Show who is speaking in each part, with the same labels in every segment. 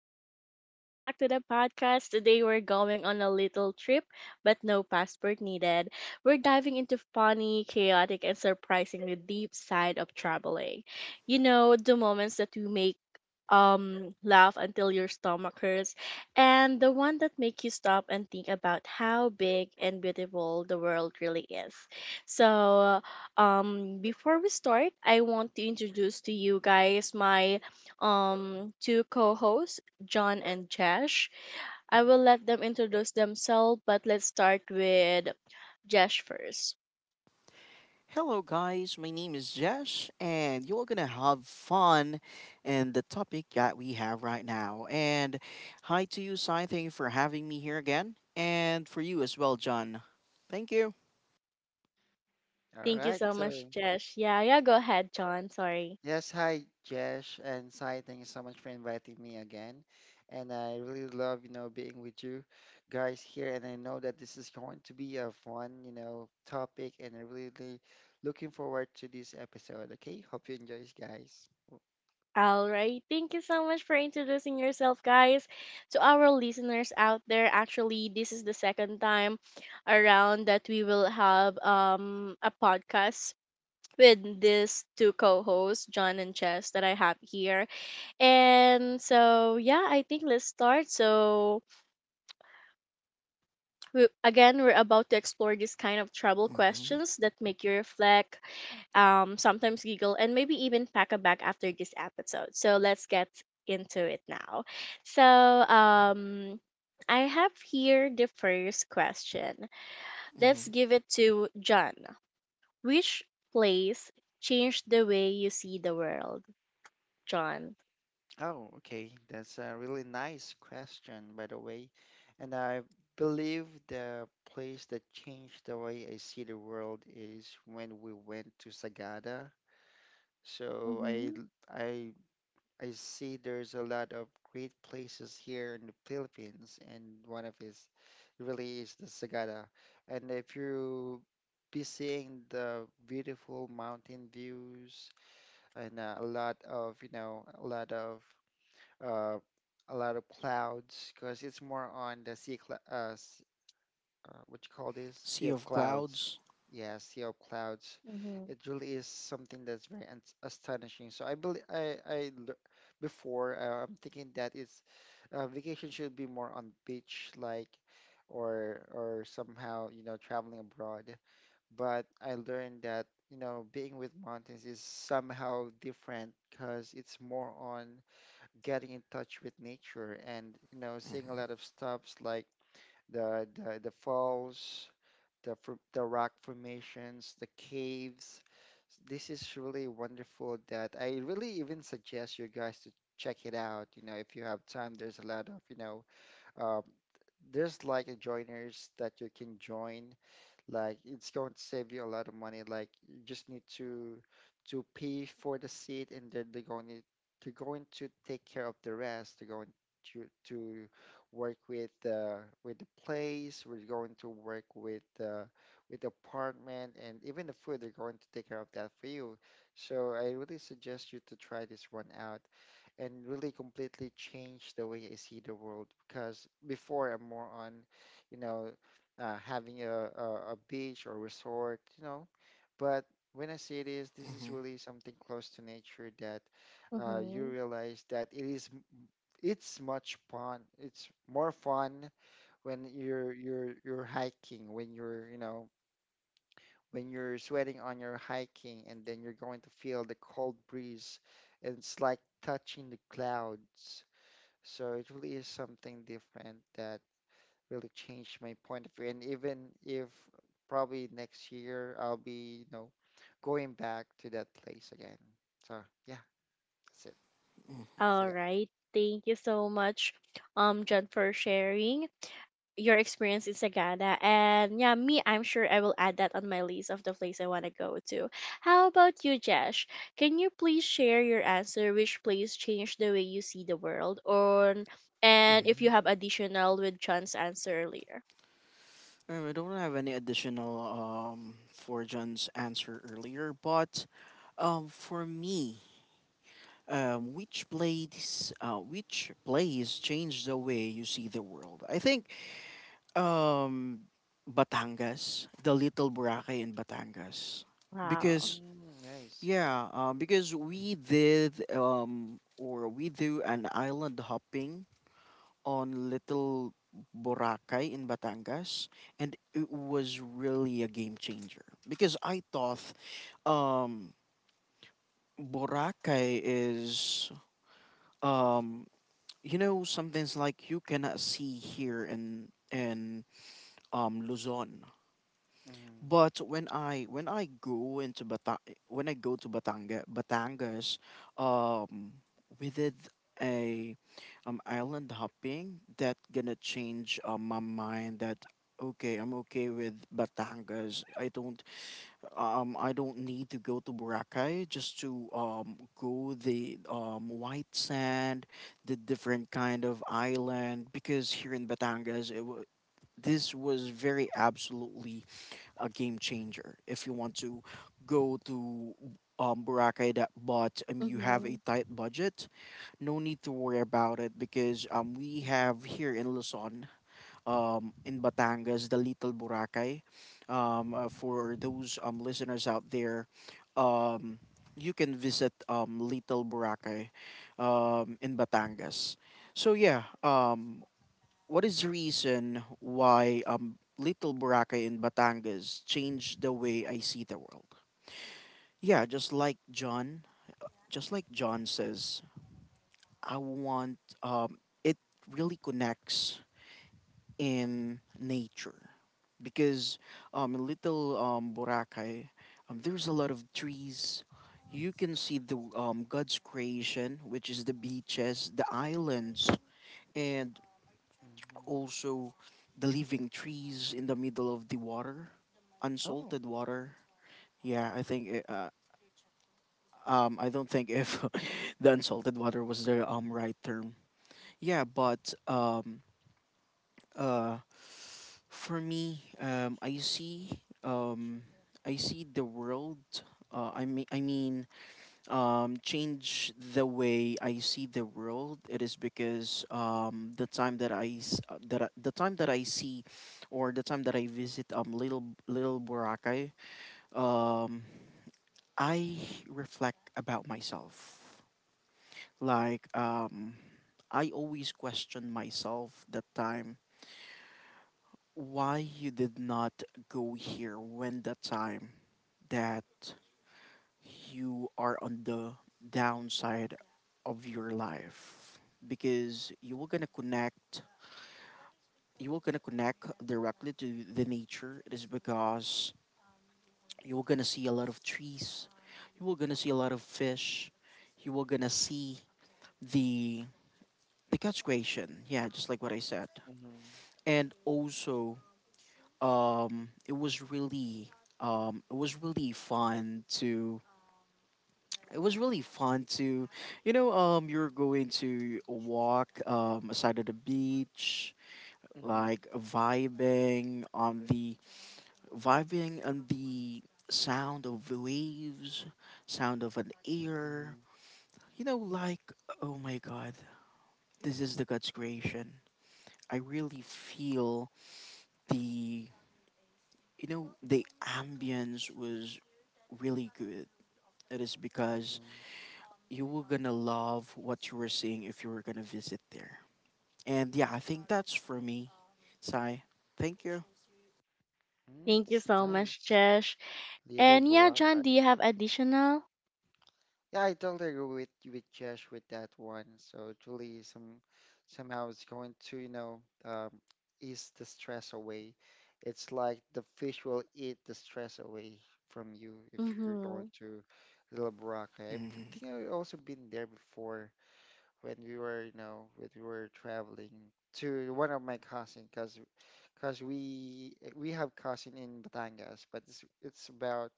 Speaker 1: Hello. Welcome back to the podcast. Today we're going on a little trip, but no passport needed. We're diving into funny, chaotic, and surprisingly deep side of traveling. You know, the moments that you make laugh until your stomach hurts and the one that make you stop and think about how big and beautiful the world really is. So, before we start I want to introduce to you guys my two co-hosts, John and Josh. I will let them introduce themselves, but let's start with Josh first.
Speaker 2: Hello, guys. My name is Jesh, and you're gonna have fun in the topic that we have right now. And hi to you, Sai. Thank you for having me here again, and for you as well, John. Thank you.
Speaker 3: All
Speaker 1: Thank you
Speaker 3: right.
Speaker 1: so much,
Speaker 3: So,
Speaker 1: Josh. Yeah, yeah, go ahead, John. Sorry.
Speaker 3: yes, hi, Jesh and Sai. Thank you so much for inviting me again. And I really love, being with you guys here. And I know that this is going to be a fun, topic. And I'm really looking forward to this episode. Okay. Hope you enjoy, guys.
Speaker 1: All right. Thank you so much for introducing yourself, guys. To our listeners out there, actually, this is the second time around that we will have a podcast with these two co-hosts, John and Chess, that I have here. And so, yeah, I think let's start. So, we, again, we're about to explore these kind of travel
Speaker 2: Hmm.
Speaker 1: questions that make you reflect, sometimes giggle, and maybe even pack a bag after this episode. So, let's get into it now. So, I have here the first question.
Speaker 2: Hmm.
Speaker 1: Let's give it to John. Which place changed the way you see the world, John?
Speaker 3: Oh, okay. That's a really nice question, by the way. And I believe the place that changed the way I see the world is when we went to Sagada. So I
Speaker 1: Mm-hmm,
Speaker 3: l- I see there's a lot of great places here in the Philippines, and one of is really is the Sagada. And if you be seeing the beautiful mountain views and a lot of you know uh, a lot of clouds, because it's more on the what you call this? Sea
Speaker 2: Sea
Speaker 3: of
Speaker 2: of
Speaker 3: clouds.
Speaker 2: clouds.
Speaker 3: Yeah, sea of clouds.
Speaker 1: mm-hmm,
Speaker 3: It really is something that's astonishing. So I believe before I'm thinking that it's vacation should be more on beach like or somehow you know traveling abroad. But I learned that you know being with mountains is somehow different because it's more on getting in touch with nature and you know seeing a lot of stuffs like the falls the rock formations, the caves. This is really wonderful that I really even suggest you guys to check it out. You know, if you have time, there's a lot of, you know, um, there's like a joiners that you can join like it's going to save you a lot of money. Like you just need to pay for the seat, and then they're going to take care of the rest. They're going to work with the place. We're going to work with the apartment and even the food. They're going to take care of that for you. So I really suggest you to try this one out and really completely change the way I see the world because before I'm more on, you know, having a beach or resort, you know. But when I say this is
Speaker 2: Hmm.
Speaker 3: really something close to nature that you
Speaker 1: mm-hmm.
Speaker 3: realize that it's much fun. It's more fun when you're hiking, when you're you know when you're sweating on your hiking, and then you're going to feel the cold breeze, and it's like touching the clouds. So it really is something different that really changed my point of view. And even if probably next year I'll be, you know, going back to that place again. So yeah, that's it. So
Speaker 1: All
Speaker 3: yeah.
Speaker 1: right. Thank you so much, John, for sharing your experience in Sagada. And yeah, me, I'm sure I will add that on my list of the place I want to go to. How about you, Jesh? Can you please share your answer? Which place changed the way you see the world? Or and if you
Speaker 2: Hmm.
Speaker 1: have additional with John's answer earlier.
Speaker 2: I don't have any additional for John's answer earlier, but for me, which plays change the way you see the world? I think Um, Batangas, the Little Boracay in Batangas,
Speaker 1: Wow.
Speaker 2: because
Speaker 3: Mm, nice.
Speaker 2: yeah, because we did or we do an island hopping on Little Boracay in Batangas, and it was really a game changer because I thought, um, Boracay is, um something's like you cannot see here in Luzon.
Speaker 3: Mm-hmm.
Speaker 2: But when I go to Batangas, um, we did a island hopping that gonna change my mind that okay, I'm okay with Batangas. I don't need to go to Boracay just to go the white sand, the different kind of island because here in Batangas, it wa this was very absolutely a game changer. If you want to go to Boracay, that, but you have
Speaker 1: Mm-hmm.
Speaker 2: a tight budget, no need to worry about it, because we have here in Luzon, in Batangas, the Little Boracay, for
Speaker 3: Mhm.
Speaker 2: those listeners out there, um, you can visit Little Boracay in Batangas. So yeah, what is the reason why Little Boracay in Batangas changed the way I see the world? Yeah, just like John says, I want, um, it really connects in nature, because, in Little, Boracay, there's a lot of trees. You can see the, God's creation, which is the beaches, the islands, and
Speaker 3: Mm-hmm.
Speaker 2: also the living trees in the middle of the water,
Speaker 3: Oh.
Speaker 2: unsalted water. Yeah, I don't think if the unsalted water was the right term. Yeah, but uh for me, I see the world, I mean, change the way I see the world. It is because, the time that I s- the time that I see, or the time that I visit, little Boracay, um, I reflect about myself. Like, I always question myself that time, why you did not go here when the time that you are on the downside of your life, because you were gonna connect directly to the nature. It is because you were gonna see a lot of trees, you were gonna see a lot of fish, you were gonna see the the catch creation, yeah, just like what I said.
Speaker 3: Mhm.
Speaker 2: And also, um it was really it was really fun to it was really fun to, you know, you're going to walk, side of the beach,
Speaker 3: Mhm.
Speaker 2: like vibing on the sound of the waves, sound of an air.
Speaker 3: Mhm.
Speaker 2: You know, like, oh my god, this is the God's creation. I really feel the you know the ambience was really good. It is because
Speaker 3: Mhm.
Speaker 2: you were gonna love what you were seeing if you were gonna visit there. And yeah, I think that's for me. Sai, thank you.
Speaker 3: Mm,
Speaker 1: Thank you
Speaker 3: it's
Speaker 1: so much,
Speaker 3: nice.
Speaker 1: Jesh.
Speaker 3: Little
Speaker 1: And yeah, John, do you
Speaker 3: Boracay.
Speaker 1: have additional?
Speaker 3: Yeah, I totally agree with Josh with that one. So it really some somehow it's going to, you know, ease the stress away. It's like the fish will eat the stress away from you if you're
Speaker 1: Mm-hmm.
Speaker 3: going to Little Boracay.
Speaker 2: Mm-hmm.
Speaker 3: Think I've also been there before when we were, you know, when we were traveling to one of my cousin, because we have cousin in Batangas, but it's about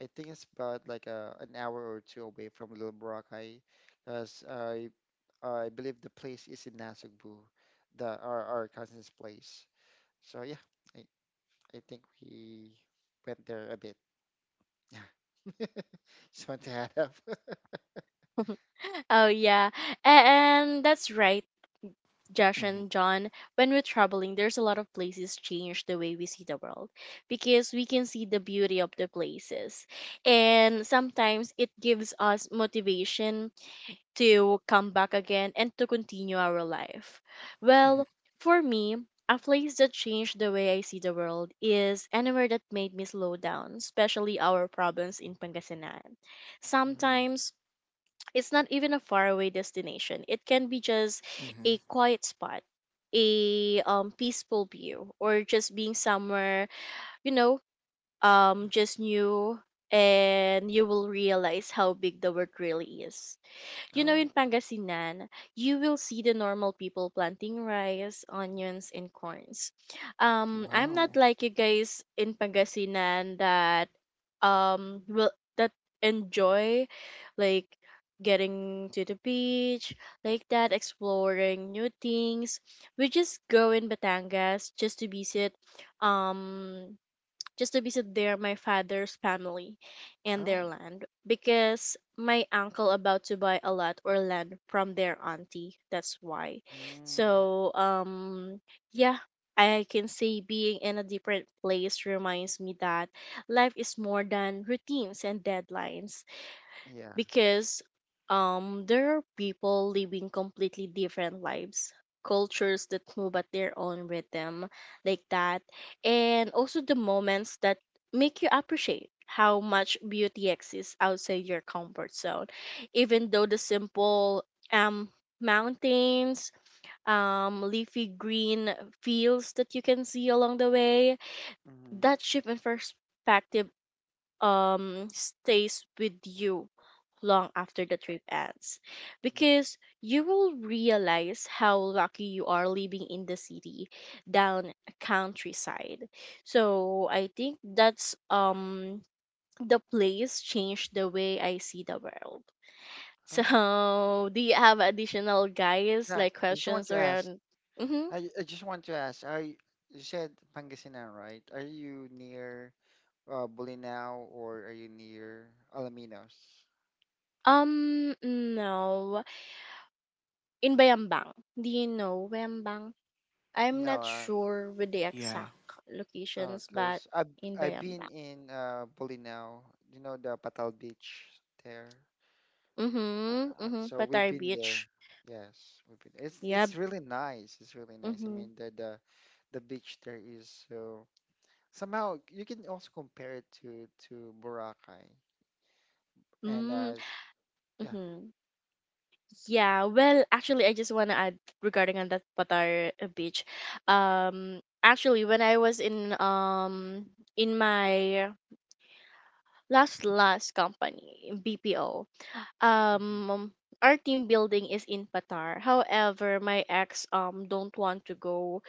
Speaker 3: I think it's about like a an hour or two away from Little Boracay, because I believe the place is in Nasugbu, the our cousin's place. So yeah, I I think we went there a bit. Yeah, just want to add up.
Speaker 1: Oh yeah, and that's right. Josh
Speaker 2: Mm-hmm.
Speaker 1: and John, when we're traveling, there's a lot of places change the way we see the world because we can see the beauty of the places. And sometimes it gives us motivation to come back again and to continue our life.
Speaker 2: Mm-hmm.
Speaker 1: Well, for me, a place that changed the way I see the world is anywhere that made me slow down, especially our province in Pangasinan.
Speaker 3: Hmm.
Speaker 1: Sometimes it's not even a faraway destination. It can be just a
Speaker 2: Hmm.
Speaker 1: quiet spot, a peaceful view, or just being somewhere, you know, just new, and you will realize how big the world really is. You know, in
Speaker 3: Oh.
Speaker 1: Pangasinan, you will see the normal people planting rice, onions, and corns. I'm not
Speaker 2: Wow.
Speaker 3: Hmm.
Speaker 1: like you guys in Pangasinan that will that enjoy like getting to the beach like that, exploring new things. We just go in Batangas um just to visit there my father's family and their
Speaker 3: Oh,
Speaker 1: land because my uncle about to buy a lot or land from their auntie. That's why.
Speaker 3: mm,
Speaker 1: So, yeah, I can say being in a different place reminds me that life is more than routines and deadlines
Speaker 3: yeah.
Speaker 1: because there are people living completely different lives, cultures that move at their own rhythm, like that, and also the moments that make you appreciate how much beauty exists outside your comfort zone, even though the simple um mountains, leafy green fields that you can see along the way.
Speaker 3: Hmm.
Speaker 1: That shift in perspective stays with you long after the trip ends because you will realize how lucky you are living in the city down a countryside. So I think that's the place changed the way I see the world.
Speaker 3: Oh,
Speaker 1: So do you have additional guys
Speaker 3: yeah.
Speaker 1: like
Speaker 3: I just want
Speaker 1: questions
Speaker 3: to ask.
Speaker 1: around? Mm-hmm.
Speaker 3: I just want to ask. You said Pangasinan, right? Are you near Bulinaw, or are you near Alaminos?
Speaker 1: No. In Bayambang. Do you know Bayambang? I'm
Speaker 3: No,
Speaker 1: not sure with the
Speaker 2: Yeah.
Speaker 1: exact locations, but
Speaker 3: cause
Speaker 1: in
Speaker 3: I've
Speaker 1: Bayambang.
Speaker 3: been in Bulinaw, you know the Patal Beach there.
Speaker 1: Mm-hmm. Mm-hmm.
Speaker 3: So we've
Speaker 1: Pattaya
Speaker 3: been there.
Speaker 1: Beach.
Speaker 3: Yes, we've been. It's
Speaker 1: Yep.
Speaker 3: it's really nice. It's really nice. I
Speaker 1: Mm-hmm.
Speaker 3: mean the beach there is so somehow you can also compare it to Boracay and
Speaker 1: Mm,
Speaker 3: yeah.
Speaker 1: mm-hmm. Yeah. Well, actually, I just want to add regarding on that Pattaya Beach. Actually, when I was in my last company BPO,
Speaker 3: Hmm.
Speaker 1: um, our team building is in Patar. However, my ex don't want to go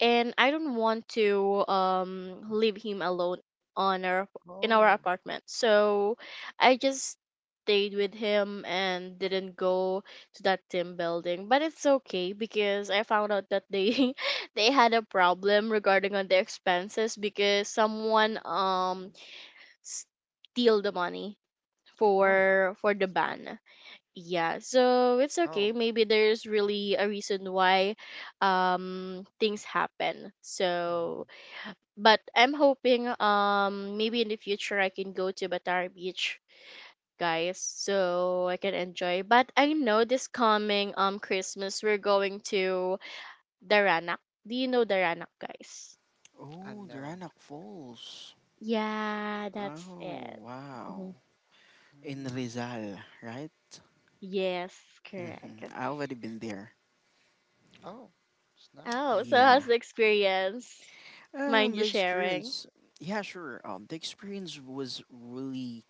Speaker 1: and I don't want to leave him alone on our in our
Speaker 3: Oh,
Speaker 1: apartment. So I just stayed with him and didn't go to that team building. But it's okay because I found out that they they had a problem regarding on the expenses because someone steal the money
Speaker 3: oh,
Speaker 1: for the
Speaker 3: that's nice.
Speaker 1: ban. Yeah, so it's okay.
Speaker 3: Oh,
Speaker 1: Maybe there's really a reason why things happen.
Speaker 3: mhm.
Speaker 1: So, but I'm hoping maybe in the future I can go to Batara Beach, guys, so I can enjoy. But I know this coming Christmas we're going to Daranak. Do you know Daranak, guys?
Speaker 3: I
Speaker 2: Oh,
Speaker 3: know.
Speaker 2: Dranac Falls.
Speaker 1: Yeah, that's
Speaker 2: Oh,
Speaker 1: it.
Speaker 2: wow.
Speaker 1: Mhm.
Speaker 2: In
Speaker 3: Hmm.
Speaker 2: Rizal, right?
Speaker 1: Yes,
Speaker 2: Mm-hmm.
Speaker 1: correct.
Speaker 2: I already been there.
Speaker 3: Oh, it's
Speaker 1: Oh,
Speaker 3: nice.
Speaker 1: so
Speaker 2: Yeah.
Speaker 1: how's the experience? Mind you
Speaker 2: The
Speaker 1: sharing?
Speaker 2: experience. Yeah, sure. The experience was really,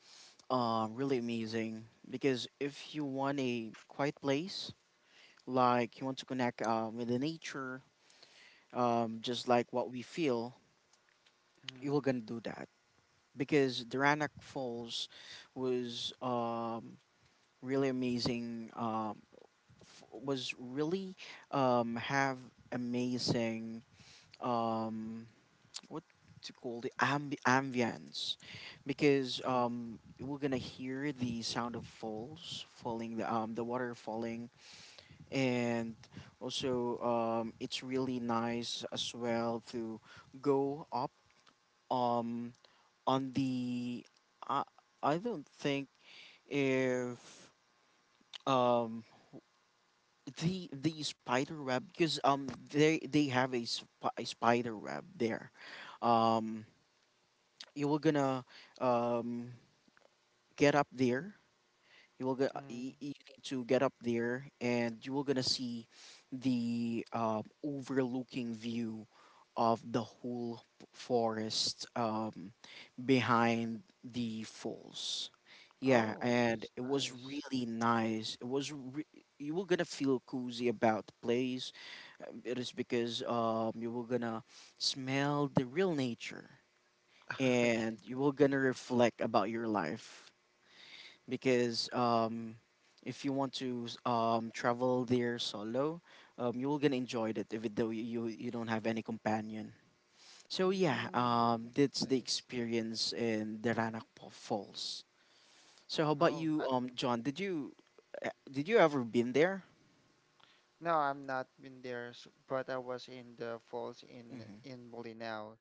Speaker 2: uh, really amazing, because if you want a quiet place, like you want to connect, with the nature, just like what we feel, you
Speaker 3: Mm,
Speaker 2: were gonna do that, because Duranac Falls was, really amazing. Was really, have amazing, um, what to call, the ambience, because
Speaker 3: mm,
Speaker 2: we're gonna hear the sound of falls falling, the water falling, and also, it's really nice as well to go up, um on the, I I don't think if, um the spider web, because they have a spider web there, um you were gonna, um get up there.
Speaker 3: mm.
Speaker 2: You need to get up there, and you will gonna see the, overlooking view of the whole, forest, behind the falls. Yeah,
Speaker 3: Oh,
Speaker 2: and
Speaker 3: it's
Speaker 2: it was
Speaker 3: nice.
Speaker 2: really nice. You were gonna feel cozy about the place, it is because you were gonna smell the real nature,
Speaker 3: Okay.
Speaker 2: and you were gonna reflect about your life, because, if you want to, travel there solo, you will gonna enjoy it even though you don't have any companion. So yeah,
Speaker 3: Mm. It's
Speaker 2: that's the
Speaker 3: nice.
Speaker 2: experience in the Ranakpo Falls. So how about
Speaker 3: Oh,
Speaker 2: you,
Speaker 3: I,
Speaker 2: John? Did you ever been there?
Speaker 3: no, I'm not been there, but I was in the falls
Speaker 2: Hmm.
Speaker 3: in Bolinao.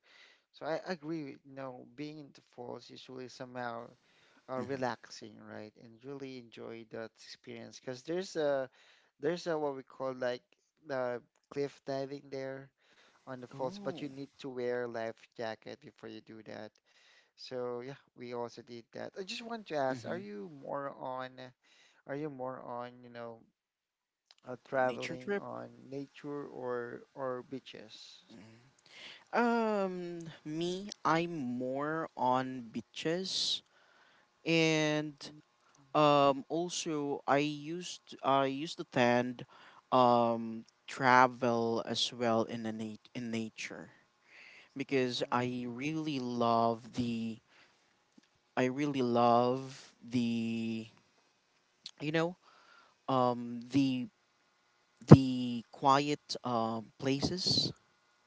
Speaker 3: So I agree with, you know, being in the falls is really somehow
Speaker 2: Hmm.
Speaker 3: relaxing, right? And really enjoy that experience because there's a what we call like the cliff diving there on the falls, but you
Speaker 2: Oh.
Speaker 3: need to wear a life jacket before you do that. So yeah, we also did that. I just want to ask,
Speaker 2: Hmm.
Speaker 3: are you more on, you know,
Speaker 2: Nature
Speaker 3: traveling
Speaker 2: trip.
Speaker 3: on nature or beaches?
Speaker 2: Me, I'm more on beaches, and
Speaker 3: Mm.
Speaker 2: Also, I used to tend, travel as well in nature, because
Speaker 3: Mhm,
Speaker 2: I really love the, you know um the the quiet, places.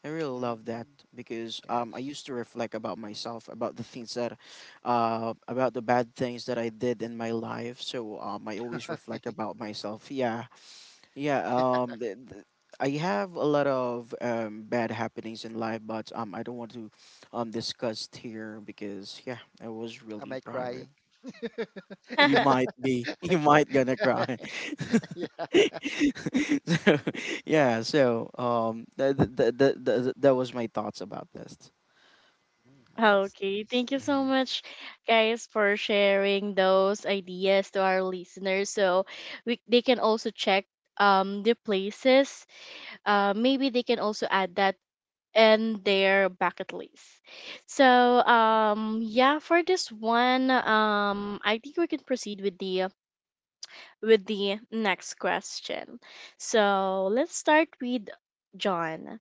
Speaker 2: I really love that,
Speaker 3: mhm.
Speaker 2: because I
Speaker 3: Yes.
Speaker 2: used to reflect about myself, about the bad things that I did in my life. So, I always reflect
Speaker 3: Okay.
Speaker 2: about myself. Yeah. Yeah, um, th- th- I have a lot of bad happenings in life, but, I don't want to, discuss here, because yeah, it was
Speaker 3: Am
Speaker 2: really
Speaker 3: I
Speaker 2: private.
Speaker 3: crying?
Speaker 2: You might be, you
Speaker 3: Okay.
Speaker 2: might gonna cry.
Speaker 3: Yeah.
Speaker 2: so, yeah, so, that was my thoughts about this.
Speaker 3: Mm, nice.
Speaker 1: Okay,
Speaker 3: Nice.
Speaker 1: thank you so
Speaker 2: Mm-hmm.
Speaker 1: much, guys, for sharing those ideas to our listeners. So we they can also check the places. Maybe they can also add that in their bucket list. So
Speaker 3: Mm.
Speaker 1: um yeah, for this one, I think we can proceed with the next question. So let's start with John.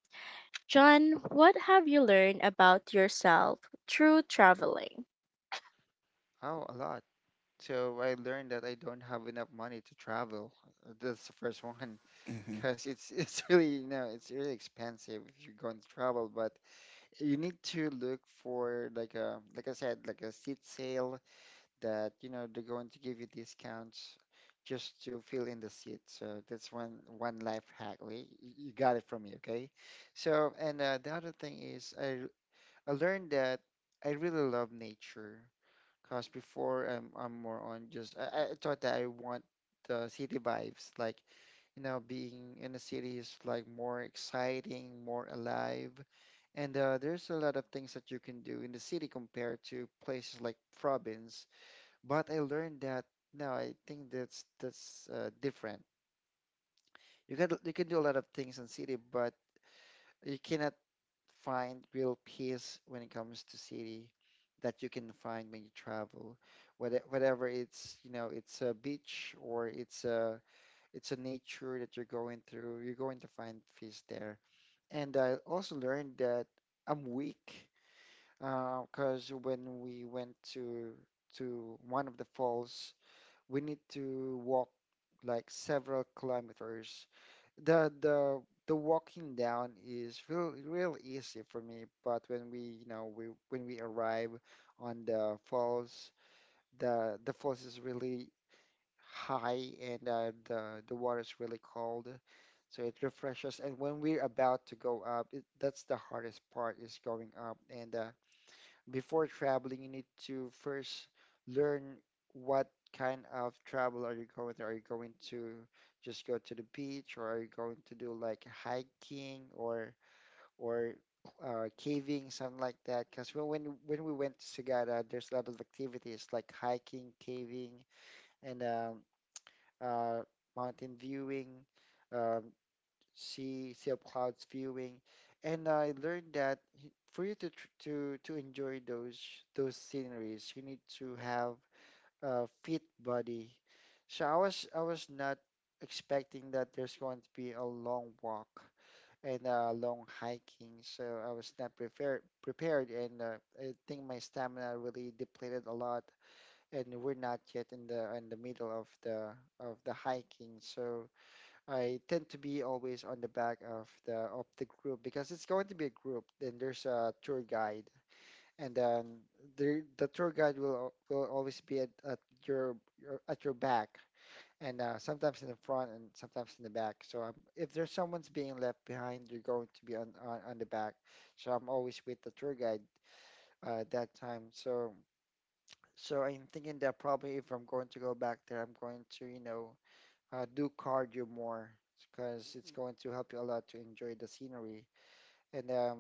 Speaker 1: John, what have you learned about yourself through traveling?
Speaker 3: Oh, a lot. So I learned that I don't have enough money to travel. That's the first one,
Speaker 2: Mm-hmm.
Speaker 3: because it's really you know it's really expensive if you're going to travel. But you need to look for like a like I said like a seat sale that you know they're going to give you discounts just to fill in the seat. So that's one life hack. You got it from me, okay? So and the other thing is I learned that I really love nature. Cause before I'm more on just I thought that I want the city vibes, like you know, being in the city is like more exciting, more alive, and there's a lot of things that you can do in the city compared to places like province. But I learned that no, I think that's different. You can do a lot of things in city, but you cannot find real peace when it comes to city that you can find when you travel, whether whatever it's, you know, it's a beach or it's a nature that you're going through, you're going to find peace there. And I also learned that I'm weak because when we went to one of the falls, we need to walk like several kilometers. The the the walking down is real easy for me, but when we you know we when we arrive on the falls, the falls is really high and the water is really cold, so it refreshes. And when we're about to go up, that's the hardest part is going up, and before traveling, you need to first learn what kind of travel are you going to. Are you going to just go to the beach, or are you going to do like hiking or caving, something like that? Because when we went to Sagada, there's a lot of activities like hiking, caving, and uh, mountain viewing. Um, see up clouds viewing, and I learned that for you to to enjoy those sceneries, you need to have a fit body. So I was not expecting that there's going to be a long walk and a long hiking, so I was not prepared, and I think my stamina really depleted a lot, and we're not yet in the middle of the hiking, so. I tend to be always on the back of the group because it's going to be a group. Then there's a tour guide, and then the tour guide will will always be at your at your back, and sometimes in the front and sometimes in the back. So if there's someone's being left behind, you're going to be on, on the back. So I'm always with the tour guide that time. So I'm thinking that probably if I'm going to go back there, I'm going to you know do cardio more because it's going to help you a lot to enjoy the scenery. And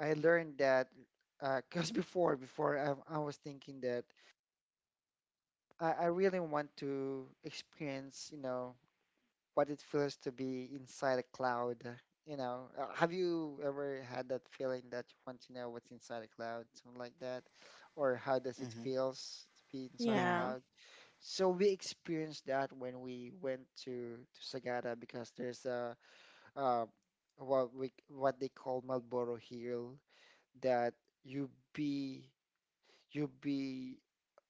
Speaker 3: I learned that because before I was thinking that I really want to experience, you know, what it feels to be inside a cloud. You know, have you ever had that feeling that you want to know what's inside a cloud, something like that, or how does it feels to be inside a
Speaker 2: Yeah.
Speaker 1: Yeah,
Speaker 3: cloud? So we experienced that when we went to Sagada because there's a uh, what we what they call Marlboro Hill that you be you be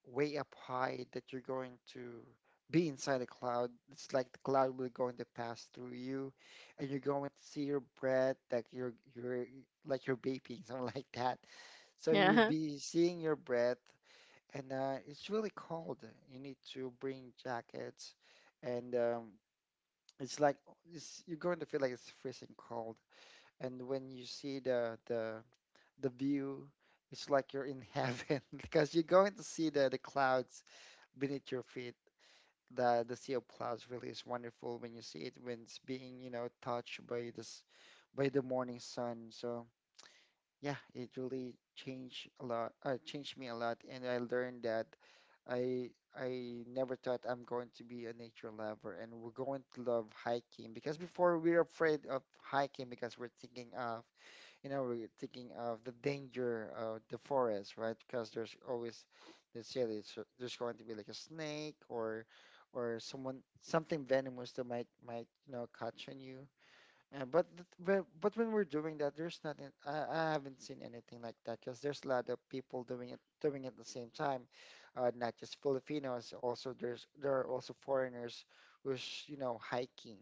Speaker 3: way up high that you're going to be inside a cloud. It's like the cloud will going to pass through you, and you're going to see your breath like you're like you're vaping something like that. So you'll
Speaker 1: yeah.
Speaker 3: be seeing your breath, and it's really cold. You need to bring jackets, and it's like you're going to feel like it's freezing cold, and when you see the view, it's like you're in heaven because you're going to see the clouds beneath your feet. The sea of clouds really is wonderful when you see it when it's being, you know, touched by this by the morning sun. So yeah, it really changed a lot. Changed me a lot, and I learned that I I never thought I'm going to be a nature lover, and we're going to love hiking because before we're afraid of hiking because we're thinking of, you know, we're thinking of the danger of the forest, right? Because there's always, they say there's going to be like a snake or someone something venomous that might you know catch on you. But th- but when we're doing that, there's nothing. I haven't seen anything like that because there's a lot of people doing it at the same time, not just Filipinos. Also, there are also foreigners who's, you know, hiking,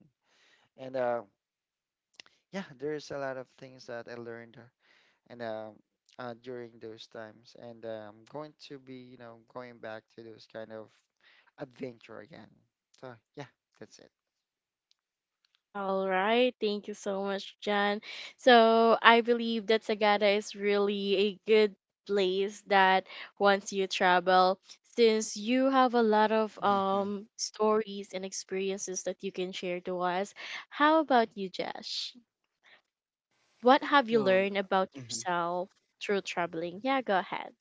Speaker 3: and yeah, there's a lot of things that I learned and during those times. And I'm going to be, you know, going back to those kind of adventure again. So yeah, that's it.
Speaker 1: All right. Thank you so much, Jan. So I believe that Sagada is really a good place that once you travel, since you have a lot of
Speaker 2: Mm-hmm.
Speaker 1: stories and experiences that you can share to us. How about you, Josh? What have you
Speaker 2: Oh,
Speaker 1: learned about
Speaker 2: mm-hmm.
Speaker 1: yourself through traveling? Yeah, go ahead.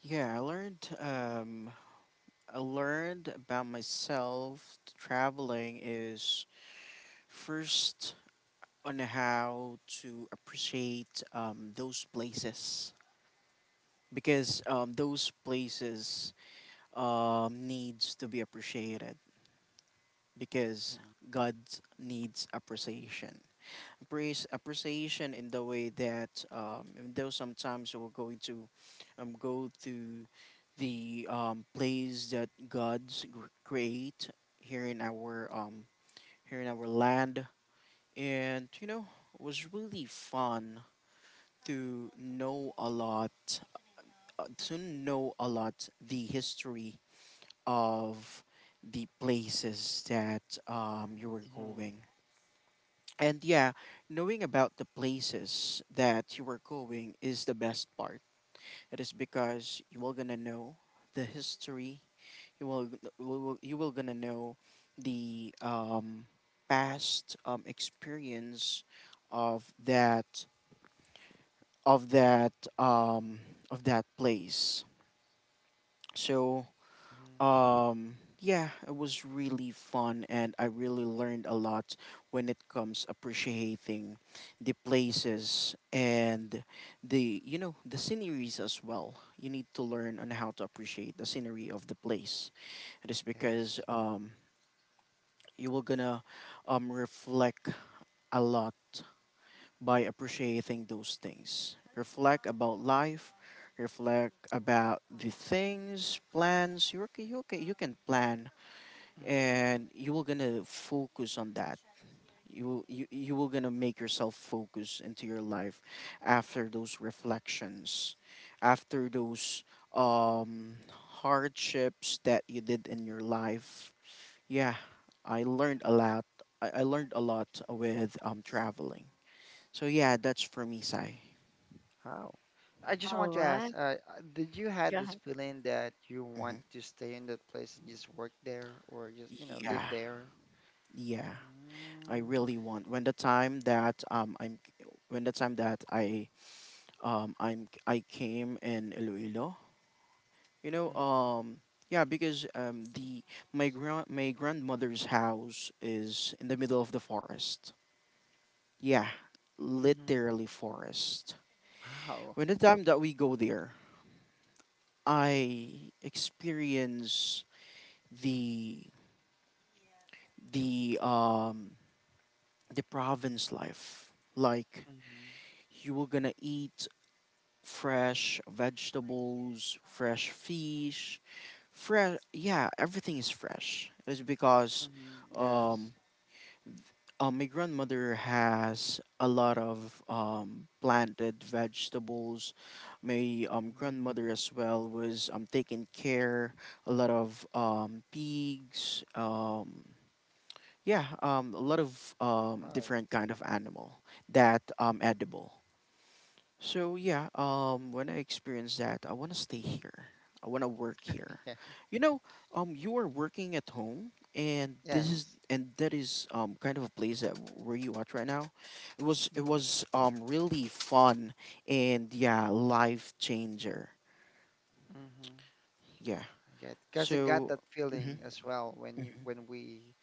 Speaker 2: Yeah, I learned. I learned about myself, traveling is first on how to appreciate, those places, because, those places, needs to be appreciated, because
Speaker 3: Mm-hmm.
Speaker 2: God needs appreciation. Appreciation, in the way that, even though sometimes we're going to, go to the, place that God's create, here in our, here in our land. And, you know, it was really fun to know a lot, the history of the places that, you were going. And yeah, knowing about the places that you were going is the best part. It is because you are gonna know the history, you will you will gonna know the, past, experience of that, of that um, of that place. So,
Speaker 3: hmm
Speaker 2: yeah, it was really fun, and I really learned a lot when it comes appreciating the places, and the sceneries as well. You need to learn on how to appreciate the scenery of the place. It is because,
Speaker 3: Yes.
Speaker 2: you will gonna, reflect a lot by appreciating those things. Reflect about life, reflect about the things, plans. You okay, you can plan,
Speaker 3: hmm
Speaker 2: and you will gonna focus on that. You will gonna make yourself focus into your life, after those reflections, after those, um hardships that you did in your life, yeah. I, learned a lot. I learned a lot with, traveling. So yeah, that's for me, Sai.
Speaker 3: How? I just
Speaker 1: All
Speaker 3: want to ask,
Speaker 1: right.
Speaker 3: did you had
Speaker 1: Go
Speaker 3: this
Speaker 1: ahead.
Speaker 3: feeling that you want
Speaker 2: Hmm.
Speaker 3: to stay in that place and just work there or just, you know, live
Speaker 2: Yeah,
Speaker 3: there?
Speaker 2: yeah. I
Speaker 3: Mm-hmm.
Speaker 2: really want, when the time that, I'm when the time that I came in Iloilo. You know, yeah, because, the my grand my grandmother's house is in the middle of the forest. Yeah,
Speaker 3: hmm
Speaker 2: literally forest.
Speaker 3: Wow.
Speaker 2: When the time that we go there, I experience the the um the province life. Like,
Speaker 3: hmm
Speaker 2: you were gonna eat fresh vegetables, fresh fish, fresh, yeah, everything is fresh. It's because,
Speaker 3: hmm Yes.
Speaker 2: um my grandmother has a lot of, planted vegetables. My,
Speaker 3: hmm
Speaker 2: grandmother as well was, taking care a lot of, pigs. Yeah, a lot of,
Speaker 3: Wow.
Speaker 2: different kind of animal that, edible. So yeah, when I experience that, I want to stay here. I want to work here.
Speaker 3: Yeah.
Speaker 2: You know, you are working at home, and this is,
Speaker 3: Yes.
Speaker 2: and that is, kind of a place that, where you at right now. It was it
Speaker 3: Mm-hmm.
Speaker 2: was really fun, and yeah, life changer.
Speaker 3: Mm-hmm.
Speaker 2: Yeah.
Speaker 3: I get because I got
Speaker 2: So,
Speaker 3: that feeling
Speaker 2: mhm.
Speaker 3: as well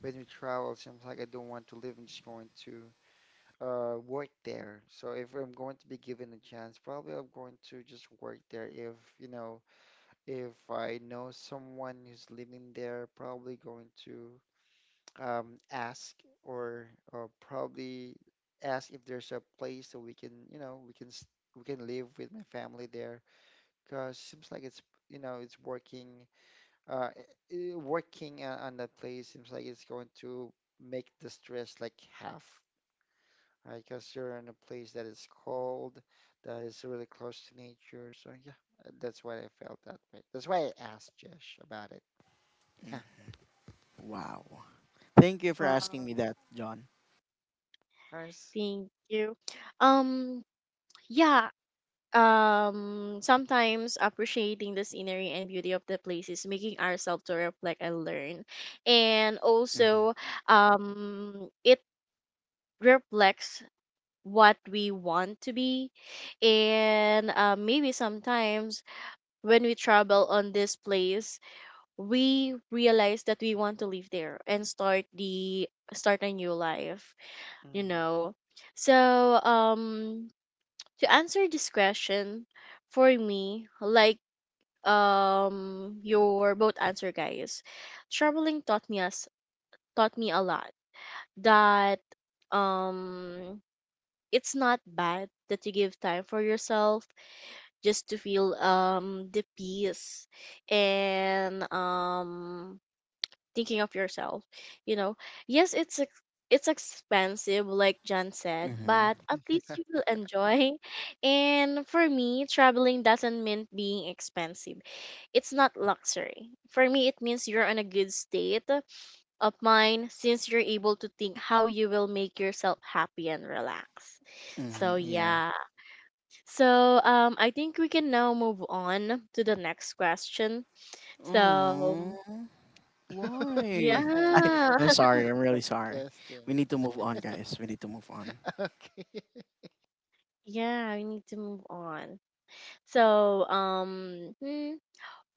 Speaker 3: when we travel. Seems like I don't want to live. I'm just going to work there. So if I'm going to be given a chance, probably I'm going to just work there. If you know, if I know someone who's living there, probably going to ask, or probably ask if there's a place that we can, you know, we can live with my family there. Because seems like it's, you know, it's working, working on that place seems like it's going to make the stress like half, right? Because you're in a place that is cold, that is really close to nature. So yeah, that's why I felt that way. That's why I asked Josh about it. Yeah,
Speaker 2: Wow. Thank you for asking
Speaker 1: Wow.
Speaker 2: me that, John.
Speaker 3: nice.
Speaker 1: Thank you. Um, yeah, sometimes appreciating the scenery and beauty of the places making ourselves to reflect and learn, and
Speaker 2: Mhm.
Speaker 1: also it reflects what we want to be, and maybe sometimes when we travel on this place we realize that we want to live there and start the start a new life, you
Speaker 3: Mm-hmm.
Speaker 1: know. So um to answer this question for me, like, your both answer guys, traveling taught me us taught me a lot that um it's not bad that you give time for yourself just to feel the peace and thinking of yourself, you know. Yes, it's expensive like John said,
Speaker 2: Mhm.
Speaker 1: but at least you will enjoy. And for me, traveling doesn't mean being expensive, it's not luxury. For me, it means you're in a good state of mind since you're able to think how you will make yourself happy and relax. So,
Speaker 2: Mhm. Yeah.
Speaker 1: yeah. So, I think we can now move on to the next question.
Speaker 2: Oh,
Speaker 1: So,
Speaker 2: why?
Speaker 1: yeah.
Speaker 2: I'm sorry. I'm really
Speaker 3: Next
Speaker 2: sorry.
Speaker 3: question.
Speaker 2: We need to move on, guys. We need to move on.
Speaker 3: Okay.
Speaker 1: Yeah, we need to move on. So,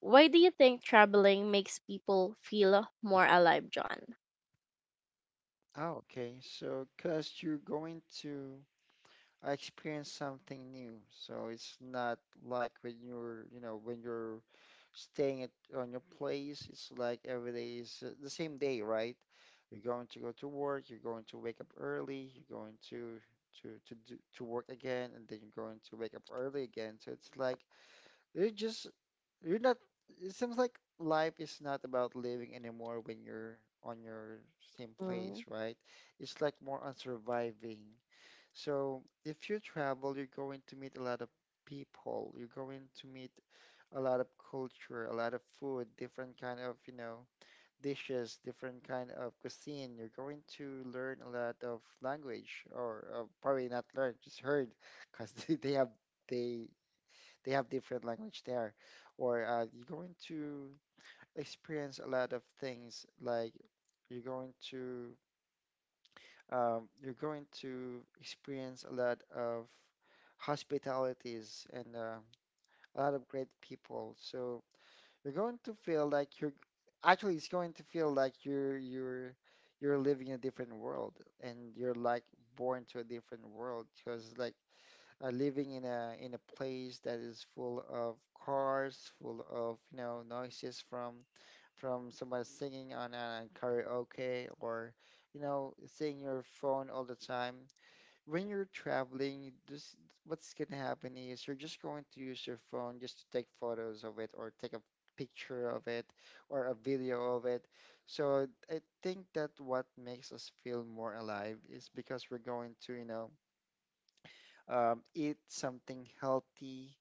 Speaker 1: why do you think traveling makes people feel more alive, John?
Speaker 3: Oh, okay. So, because you're going to I experienced something new. So it's not like when you're, you know, when you're staying at on your place, it's like every day is the same day, right? You're going to go to work, you're going to wake up early, you're going to to work again, and then you're going to wake up early again. So it's like you're just you're not. It seems like life is not about living anymore when you're on your same place, right? It's like more on surviving, so if you travel, you're going to meet a lot of people. You're going to meet a lot of culture, a lot of food, different kind of, you know, dishes, different kind of cuisine. You're going to learn a lot of language, or probably not learn, just heard, because they they have different language there. Or you're going to experience a lot of things like you're going to you're going to experience a lot of hospitalities and a lot of great people. So you're going to feel like you're actually it's going to feel like you're living in a different world and you're like born to a different world because like living in a place that is full of cars, full of, you know, noises from someone singing on a karaoke or, you know, seeing your phone all the time. When you're traveling, this what's gonna happen is you're just going to use your phone just to take photos of it or take a picture of it or a video of it. So I think that what makes us feel more alive is because we're going to, you know, eat something healthy,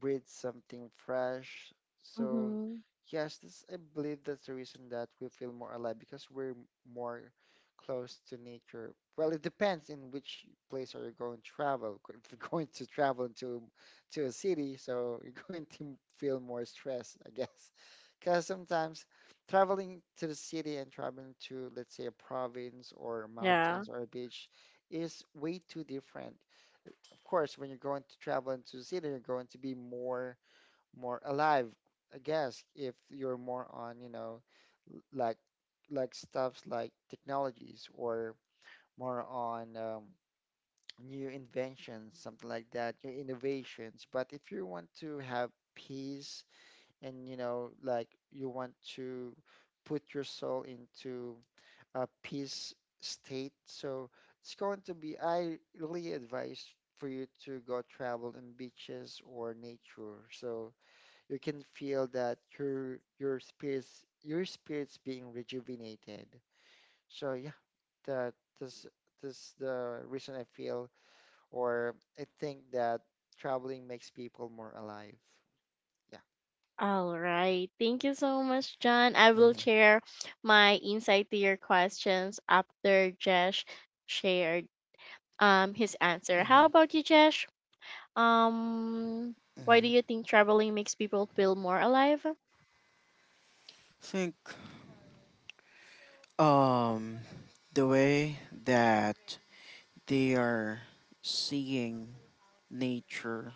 Speaker 3: breathe something fresh. So,
Speaker 1: Mm-hmm.
Speaker 3: yes, this, I believe that's the reason that we feel more alive because we're more close to nature. Well, it depends in which place are you going to travel. If you're going to travel to a city, so you're going to feel more stress, I guess. Because sometimes traveling to the city and traveling to, let's say, a province or
Speaker 1: Yeah.
Speaker 3: mountains or a beach is way too different. Of course, when you're going to travel into the city, you're going to be more alive, I guess, if you're more on, you know, l- like like stuffs like technologies or more on new inventions, something like that, new innovations. But if you want to have peace and, you know, like you want to put your soul into peace state. So it's going to be, I really advise for you to go travel in beaches or nature. So you can feel that your spirits being rejuvenated. So yeah, that this this the reason I feel or I think that traveling makes people more alive. Yeah.
Speaker 1: All right. Thank you so much, John. I will
Speaker 2: hmm
Speaker 1: share my insight to your questions after Jesh shared his answer. How
Speaker 2: hmm
Speaker 1: about you, Jesh? Um, why do
Speaker 2: hmm
Speaker 1: you think traveling makes people feel more alive?
Speaker 2: think, um the way that they are seeing nature,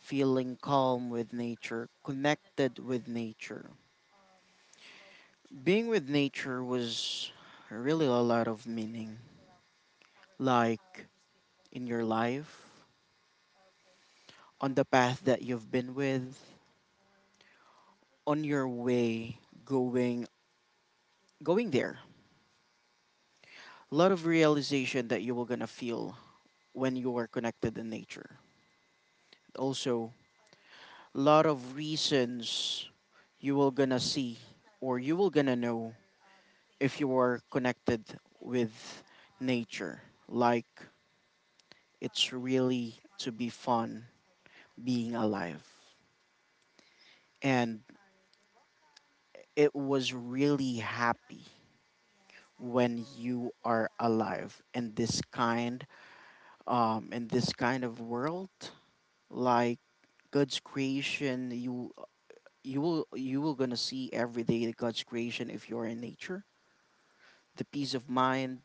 Speaker 2: feeling calm with nature, connected with nature. Being with nature was really a lot of meaning. Like, in your life, on the path that you've been with, on your way going going there, a lot of realization that you were gonna feel when you are connected in nature. Also, a lot of reasons you will gonna see, or you will gonna know, if you are connected with nature. Like, it's really to be fun, being alive. And it was really happy when you are alive in this kind of world, like God's creation. You you will you will gonna see every day that God's creation, if you're in nature, the peace of mind,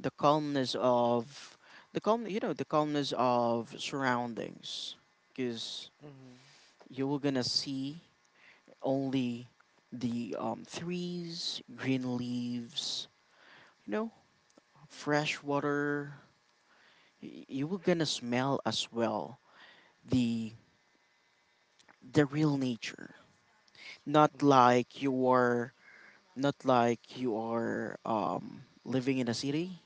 Speaker 2: the calmness of the calm, the calmness of surroundings. Because you will gonna see only the trees, green leaves, you know fresh water. You will gonna smell as well the the real nature, not
Speaker 3: Mm-hmm.
Speaker 2: like your, not like you are living in a city,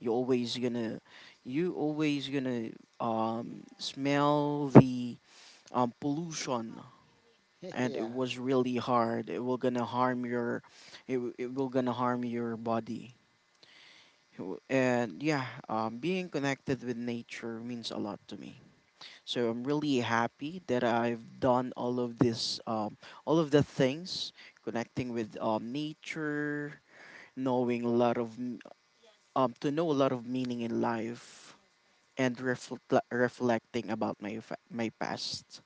Speaker 2: you always gonna, you always gonna smell the pollution. And it
Speaker 3: Yeah.
Speaker 2: was really hard, it will gonna harm your, it will gonna harm your body. And yeah, being connected with nature means a lot to me. So I'm really happy that I've done all of this, all of the things, connecting with nature, knowing a lot of, to know a lot of meaning in life, and reflecting about my past.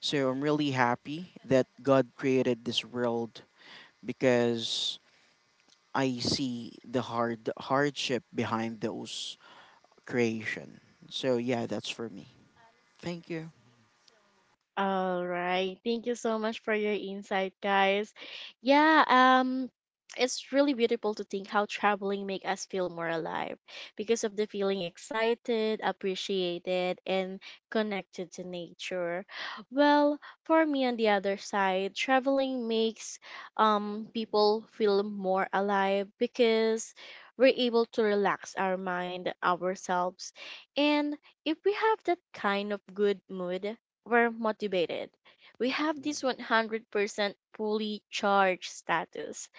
Speaker 2: So I'm really happy that God created this world, because I see the hardship behind those creation. So yeah, that's for me. Thank you.
Speaker 1: All right. Thank you so much for your insight, guys. Yeah, it's really beautiful to think how traveling make us feel more alive because of the feeling excited, appreciated, and connected to nature. Well, for me on the other side, traveling makes people feel more alive because we're able to relax our mind, ourselves, and if we have that kind of good mood we're motivated. We have
Speaker 3: hmm Mhm.
Speaker 1: this 100% fully charged status,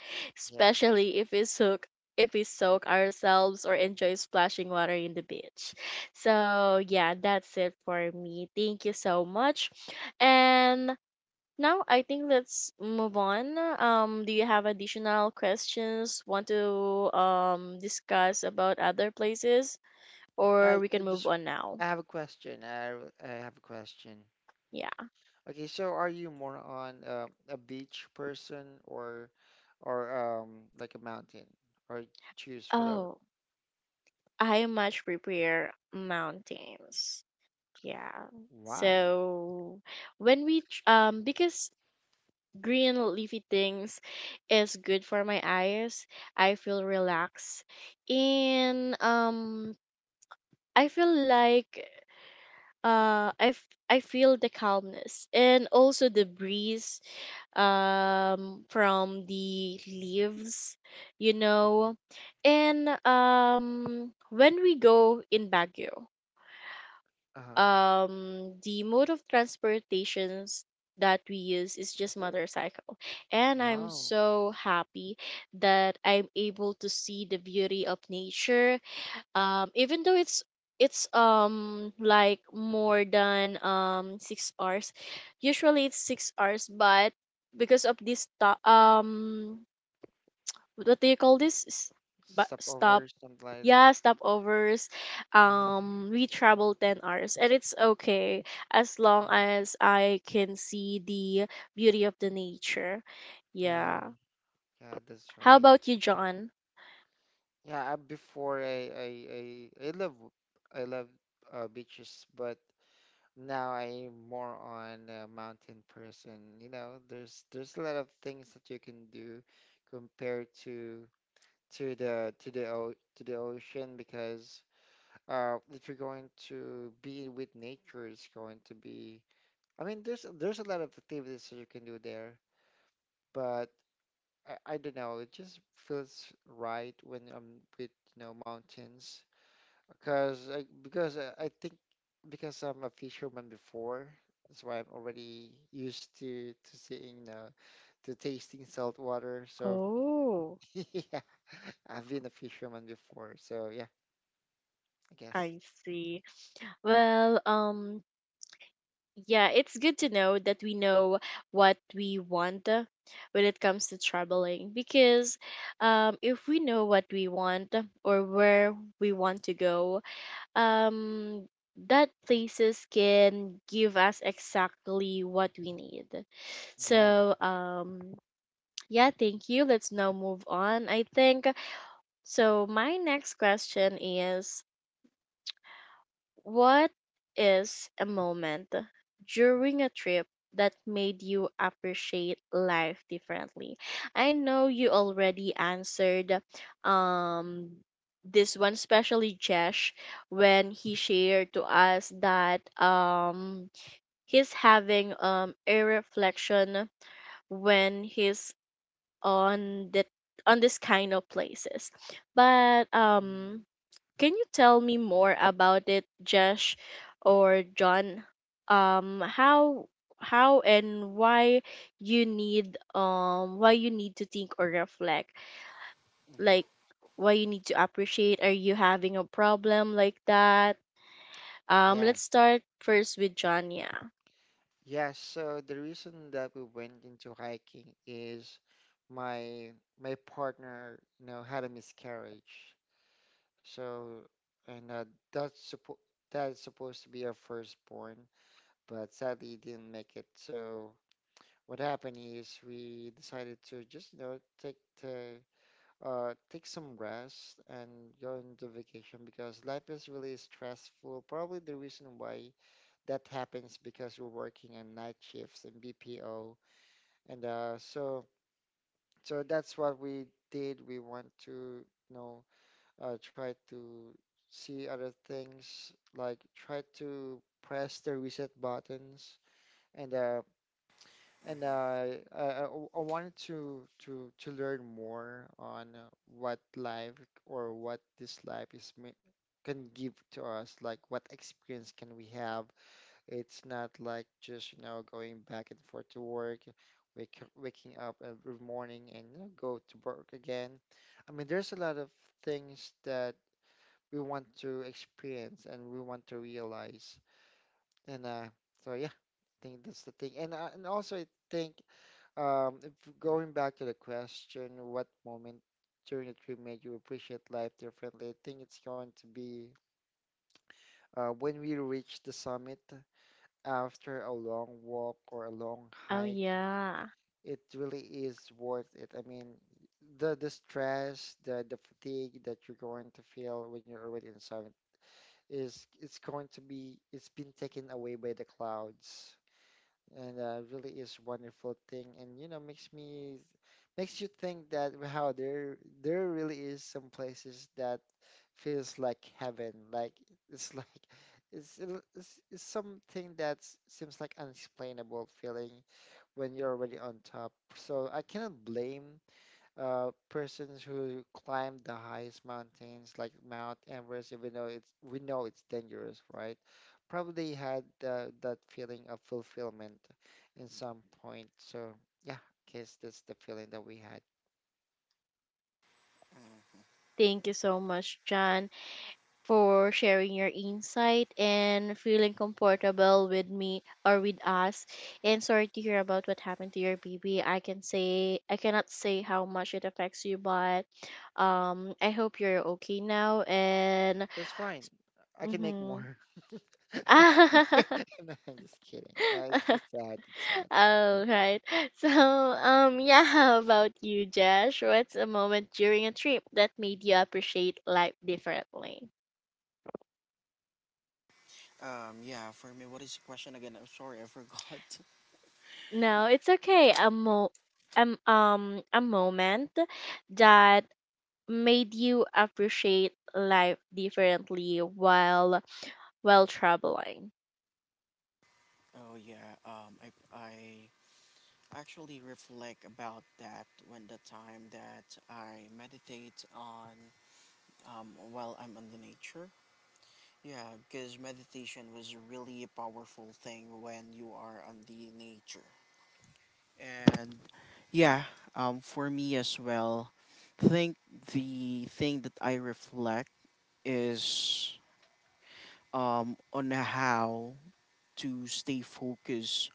Speaker 3: Yes.
Speaker 1: especially if we soak ourselves or enjoy splashing water in the beach. So, yeah, that's it for me. Thank you so much. And now I think let's move on. Do you have additional questions? Want to discuss about other places, or
Speaker 3: I,
Speaker 1: we
Speaker 3: I
Speaker 1: can move
Speaker 3: just
Speaker 1: on now?
Speaker 3: I have a question. I have a question.
Speaker 1: Yeah.
Speaker 3: Okay, so are you more on a beach person or like a mountain or choose whatever?
Speaker 1: Oh. I much prepare mountains. Yeah.
Speaker 3: Why?
Speaker 1: So because green leafy things is good for my eyes, I feel relaxed, and I feel like I feel the calmness and also the breeze from the leaves, you
Speaker 3: Mhm.
Speaker 1: know. And when we go in Baguio,
Speaker 3: Uh-huh.
Speaker 1: the mode of transportations that we use is just motorcycle, and I'm
Speaker 3: Wow.
Speaker 1: so happy that I'm able to see the beauty of nature, even though it's like more than 6 hours, usually it's 6 hours, but because of this stop, what do you call this S- bu-
Speaker 3: Step
Speaker 1: stop
Speaker 3: over something like that.
Speaker 1: yeah, stopovers.
Speaker 3: Mhm,
Speaker 1: We travel 10 hours and it's okay as long
Speaker 3: mhm.
Speaker 1: as I can see the beauty of the nature.
Speaker 3: Yeah,
Speaker 1: Yeah.
Speaker 3: yeah, that's
Speaker 1: How
Speaker 3: right.
Speaker 1: about you, John?
Speaker 3: Yeah, I, before I love beaches, but now I'm more on a mountain person. You know, there's a lot of things that you can do compared to to the o to the ocean because if you're going to be with nature, it's going to be. I mean, there's a lot of activities that you can do there, but I don't know. It just feels right when I'm with, you know, mountains. Because I, because I I think because I'm a fisherman before, that's why I'm already used to seeing to tasting salt water. So
Speaker 1: Oh,
Speaker 3: yeah, I've been a fisherman before. So yeah, I guess.
Speaker 1: I see. Well, yeah, it's good to know that we know what we want when it comes to traveling because if we know what we want or where we want to go, um that places can give us exactly what we need.
Speaker 3: Yeah.
Speaker 1: So, yeah, thank you. Let's now move on, I think. So my next question is: what is a moment during a trip that made you appreciate life differently? I know you already answered um this one, especially Jesh, when he shared to us that he's having a reflection when he's on the on this kind of places. But
Speaker 3: Mm.
Speaker 1: can you tell me more about it, Jesh, or John? Um, how how and why you need to think or reflect? Like why you need to appreciate? Are you having a problem like that?
Speaker 3: Yeah.
Speaker 1: Let's start first with John. Yeah.
Speaker 3: Yeah. So the reason that we went into hiking is my my partner, you know, had a miscarriage. So and that's suppo that's supposed to be our firstborn, but sadly it didn't make it. So what happened is we decided to just, you know, take the take some rest and go into vacation because life is really stressful. Probably the reason why that happens because we're working on night shifts and BPO, and so so that's what we did. We want to, you know, try to see other things like try to press the reset buttons, and And I wanted to learn more on what life or what this life is me can give to us, like what experience can we have. It's not like just, you know, going back and forth to work, waking up every morning and, you know, go to work again. I mean, there's a lot of things that we want to experience and we want to realize. And so yeah, I think that's the thing. And and also I think if going back to the question, what moment during the trip made you appreciate life differently? I think it's going to be when we reach the summit after a long walk or a long
Speaker 1: Oh
Speaker 3: hike.
Speaker 1: yeah.
Speaker 3: It really is worth it. I mean, the stress, the fatigue that you're going to feel when you're already in summit is it's going to be it's been taken away by the clouds, and really is wonderful thing, and, you know, makes me makes you think that wow, there really is some places that feels like heaven, like it's like it's, it's something that seems like unexplainable feeling when you're already on top. So I cannot blame persons who climb the highest mountains like Mount Everest, even though it's we know it's dangerous, right? Probably had that feeling of fulfillment in some point. So yeah, I guess that's the feeling that we had.
Speaker 1: Thank you so much, John, for sharing your insight and feeling comfortable with me or with us. And sorry to hear about what happened to your baby. I can say I cannot say how much it affects you, but I hope you're okay now. And
Speaker 3: That's fine. I can make
Speaker 1: mm-hmm.
Speaker 3: more. No, I'm just kidding. No, it's sad. It's sad. Yeah.
Speaker 1: All right. So, yeah, how about you, Josh? What's a moment during a trip that made you appreciate life differently?
Speaker 2: Yeah, for me, what is the question again? I'm sorry, I forgot.
Speaker 1: No, it's okay. A mo a moment that made you appreciate life differently while traveling.
Speaker 2: Oh yeah, I actually reflect about that when the time that I meditate on, while I'm in the nature. Yeah, because meditation was really a powerful thing when you are on the nature. And yeah, for me as well, I think the thing that I reflect is, on how to stay focused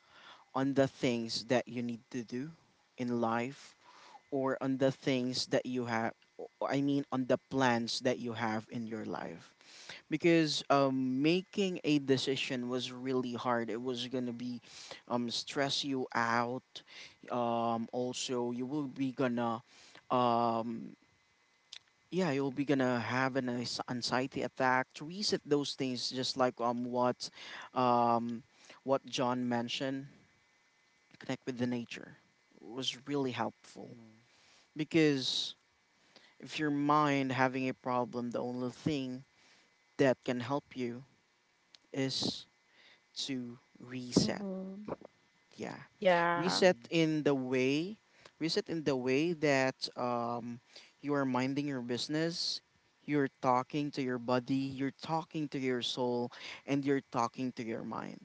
Speaker 2: on the things that you need to do in life, or on the things that you have, I mean, on the plans that you have in your life. Because making a decision was really hard. It was gonna be, stress you out. Also, you will be gonna um, yeah, you'll be gonna have an anxiety attack. To reset those things, just like what, um, what John mentioned, connect with the nature was really helpful,
Speaker 3: Mm,
Speaker 2: because if your mind having a problem, the only thing that can help you is to reset.
Speaker 1: Mm-hmm.
Speaker 2: Yeah,
Speaker 1: Yeah.
Speaker 2: reset
Speaker 3: mm.
Speaker 2: in the way, reset in the way that, you are minding your business. You're talking to your body, you're talking to your soul, and you're talking to your mind.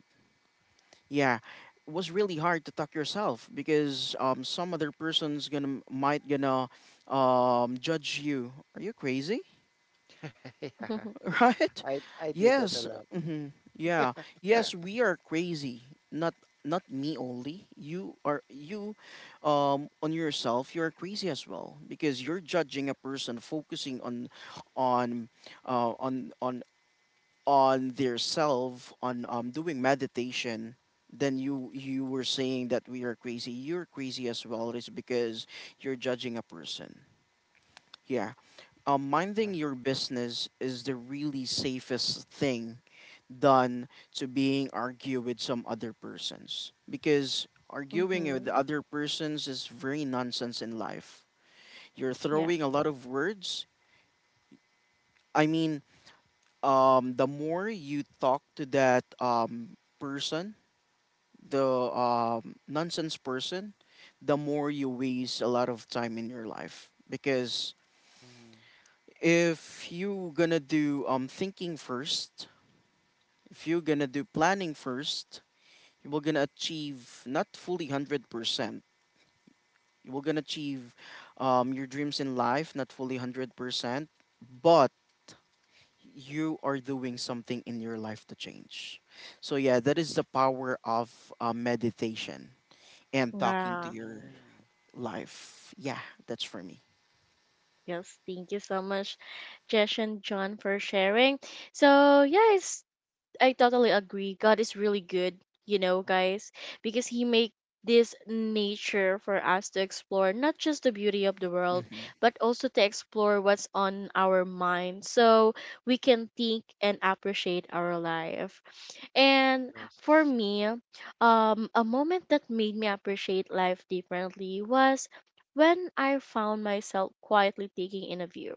Speaker 2: Yeah, it was really hard to talk yourself because, some other person's gonna might gonna judge you. Are you crazy?
Speaker 3: Yeah,
Speaker 2: Right?
Speaker 3: I do that a
Speaker 2: Yes.
Speaker 3: lot.
Speaker 2: Hmm. Yeah. Yes, we are crazy. Not, not me only. You are you on yourself, you're crazy as well, because you're judging a person focusing on, on on on their self, on doing meditation, then you were saying that we are crazy, you're crazy as well, it's because you're judging a person. Yeah,
Speaker 3: Yeah.
Speaker 2: minding your business is the really safest thing done to being argue with some other persons, because arguing with
Speaker 1: Mm-hmm.
Speaker 2: other persons is very nonsense in life. You're
Speaker 1: Yeah.
Speaker 2: throwing a lot of words, I mean, the more you talk to that, person, the nonsense person, the more you waste a lot of time in your life. Because
Speaker 3: Mm.
Speaker 2: if you gonna do thinking first, if you're gonna do planning first, you will gonna achieve not fully 100%. You will gonna achieve, your dreams in life, not fully 100%, but you are doing something in your life to change. So yeah, that is the power of, meditation and talking to
Speaker 1: Yeah.
Speaker 2: your
Speaker 3: Mm.
Speaker 2: life. Yeah, that's for me.
Speaker 1: Yes. Thank you so much, Jesh and John, for sharing. So, yes, I totally agree. God is really good, you know, guys, because He make this nature for us to explore not just the beauty of the world,
Speaker 2: Hmm.
Speaker 1: but also to explore what's on our mind so we can think and appreciate our life. And for
Speaker 3: Yes.
Speaker 1: me, a moment that made me appreciate life differently was when I found myself quietly taking in a view,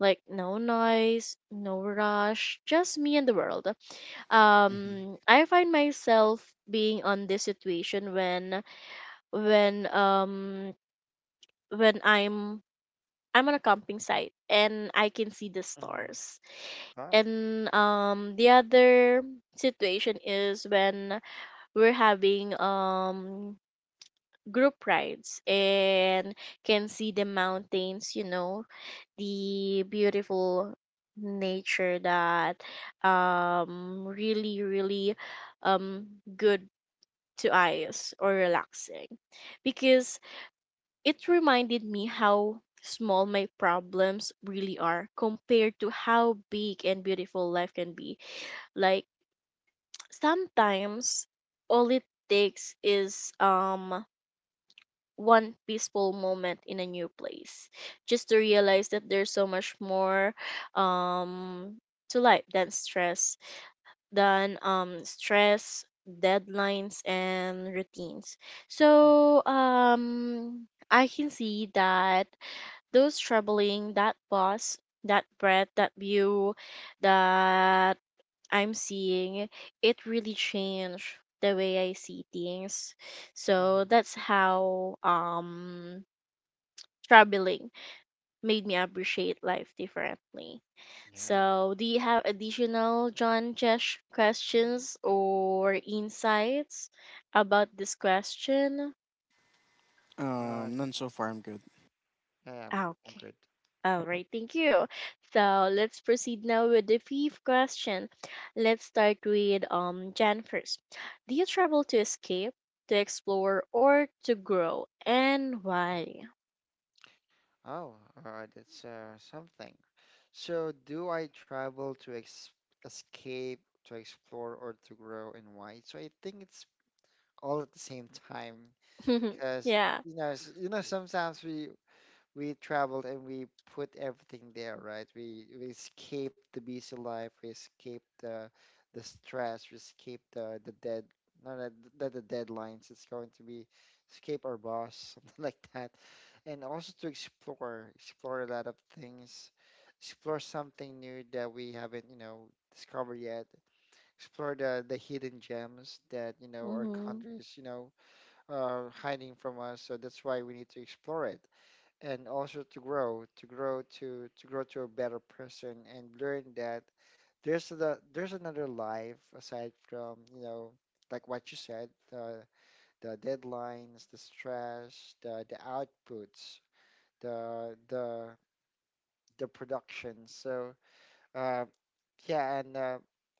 Speaker 1: like no noise, no rush, just me and the world.
Speaker 2: Hmm.
Speaker 1: I find myself being on this situation when when um when I'm on a camping site and I can see the
Speaker 3: Mm-hmm.
Speaker 1: stars.
Speaker 3: Oh,
Speaker 1: And the other situation is when we're having group rides and can see the mountains, you know, the beautiful nature that really really um good to eyes or relaxing, because it reminded me how small my problems really are compared to how big and beautiful life can be. Like sometimes all it takes is one peaceful moment in a new place just to realize that there's so much more um to life than stress, than deadlines, and routines.
Speaker 3: mm-hmm.
Speaker 1: So I can see that those troubling, that pause, that breath, that view that I'm seeing, it really changed the way I see things. So
Speaker 3: Mm-hmm.
Speaker 1: that's how troubling made me appreciate life differently.
Speaker 3: Yeah.
Speaker 1: So, do you have additional John, Jesh, questions or insights about this question?
Speaker 3: Uh,
Speaker 2: None so far. I'm good.
Speaker 3: yeah, I'm,
Speaker 1: Ah,
Speaker 3: I'm
Speaker 1: okay.
Speaker 3: good.
Speaker 1: All right, thank you. So let's proceed now with the fifth question. Let's start with Jan first. Do you travel to escape, to explore, or to grow, and why?
Speaker 3: Oh, that's something. So, do I travel to ex escape, to explore, or to grow, and why? So I think it's all at the same time, because
Speaker 1: Yeah.
Speaker 3: sometimes we traveled and we put everything there, right? We escaped the busy life, we escaped the stress, we escaped the dead not the, not the deadlines. It's going to be escape our boss, something like that, and also to explore, explore a lot of things, explore something new that we haven't, discovered yet. Explore the hidden gems that you know our
Speaker 1: Mhm.
Speaker 3: countries, you know, are hiding from us. So that's why we need to explore it and also to grow, to grow to a better person and learn that there's there's another life aside from, you know, like what you said, the deadlines, the stress, the outputs, the the the production. So uh, yeah, and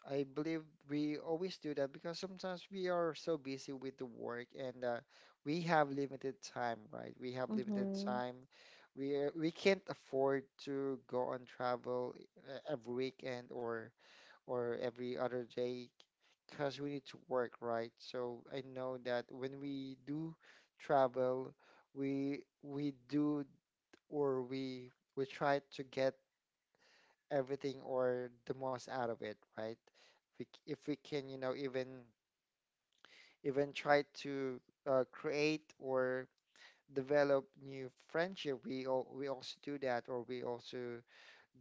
Speaker 3: I believe we always do that because sometimes we are so busy with the work and we have limited time, right? We have limited
Speaker 1: Mhm.
Speaker 3: time. We can't afford to go on travel every weekend or every other day because we need to work, right? So I know that when we do travel, we we do or we we try to get everything or the most out of it, right? If we can, you know, even try to create or develop new friendship, we all, we also do that, or we also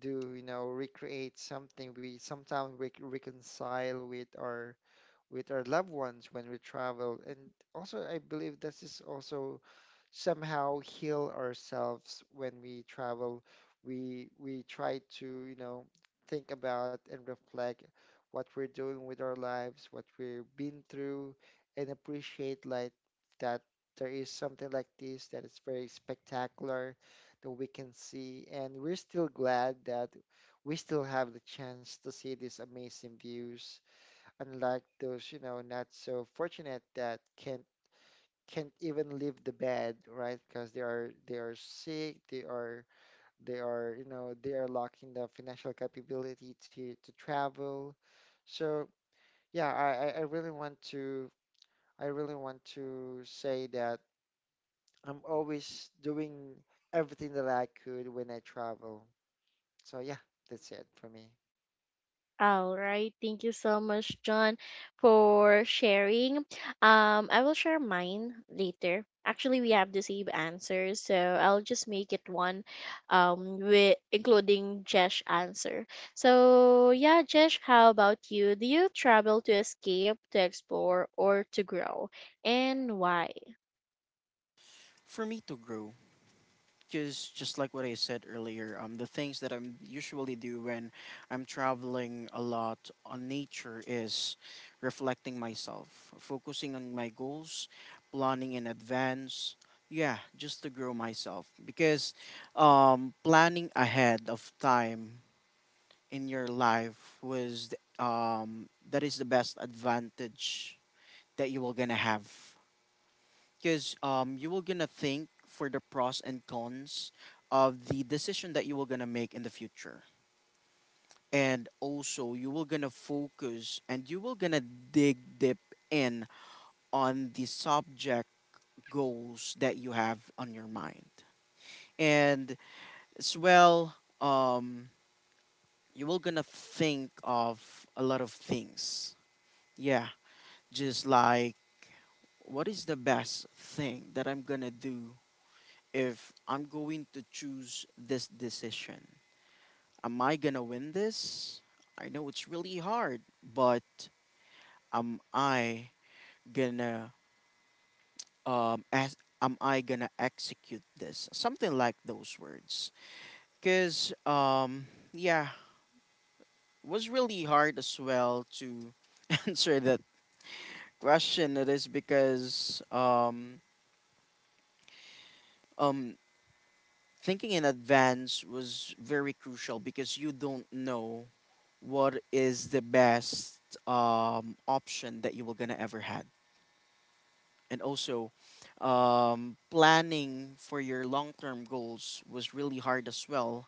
Speaker 3: do, you know, recreate something. We sometimes we reconcile with our loved ones when we travel, and also I believe this is also somehow heal ourselves when we travel. We try to, you know, think about and reflect what we're doing with our lives, what we've been through, and appreciate like that there is something like this that is very spectacular that we can see. And we're still glad that we still have the chance to see these amazing views, unlike those, you know, not so fortunate that can't even leave the bed, right? Because they are sick, they are you know they are lacking the financial capability to travel. So yeah, I really want to I really want to say that I'm always doing everything that I could when I travel. So yeah, that's it for me.
Speaker 1: All right. Thank you so much, John, for sharing. I will share mine later. Actually, we have the same answer, so I'll just make it one, with including Jesh answer. So yeah, Jesh, how about you? Do you travel to escape, to explore, or to grow, and why?
Speaker 2: For me, to grow. Because just like what I said earlier, the things that I'm usually do when I'm traveling a lot on nature is reflecting myself, focusing on my goals, planning in advance. Yeah, just to grow myself, because planning ahead of time in your life was that is the best advantage that you will gonna have. Because you will gonna think for the pros and cons of the decision that you will gonna make in the future, and also you will gonna focus and you will gonna dig deep in, on the subject goals that you have on your mind. And as well you will gonna think of a lot of things. Yeah, just like what is the best thing that I'm gonna do if I'm going to choose this decision. Am I gonna win this? I know it's really hard, but am I gonna as am I gonna execute this? Something like those words. Cause yeah, it was really hard as well to answer that question. It is because um thinking in advance was very crucial, because you don't know what is the best, option that you were gonna ever had. And also, planning for your long-term goals was really hard as well.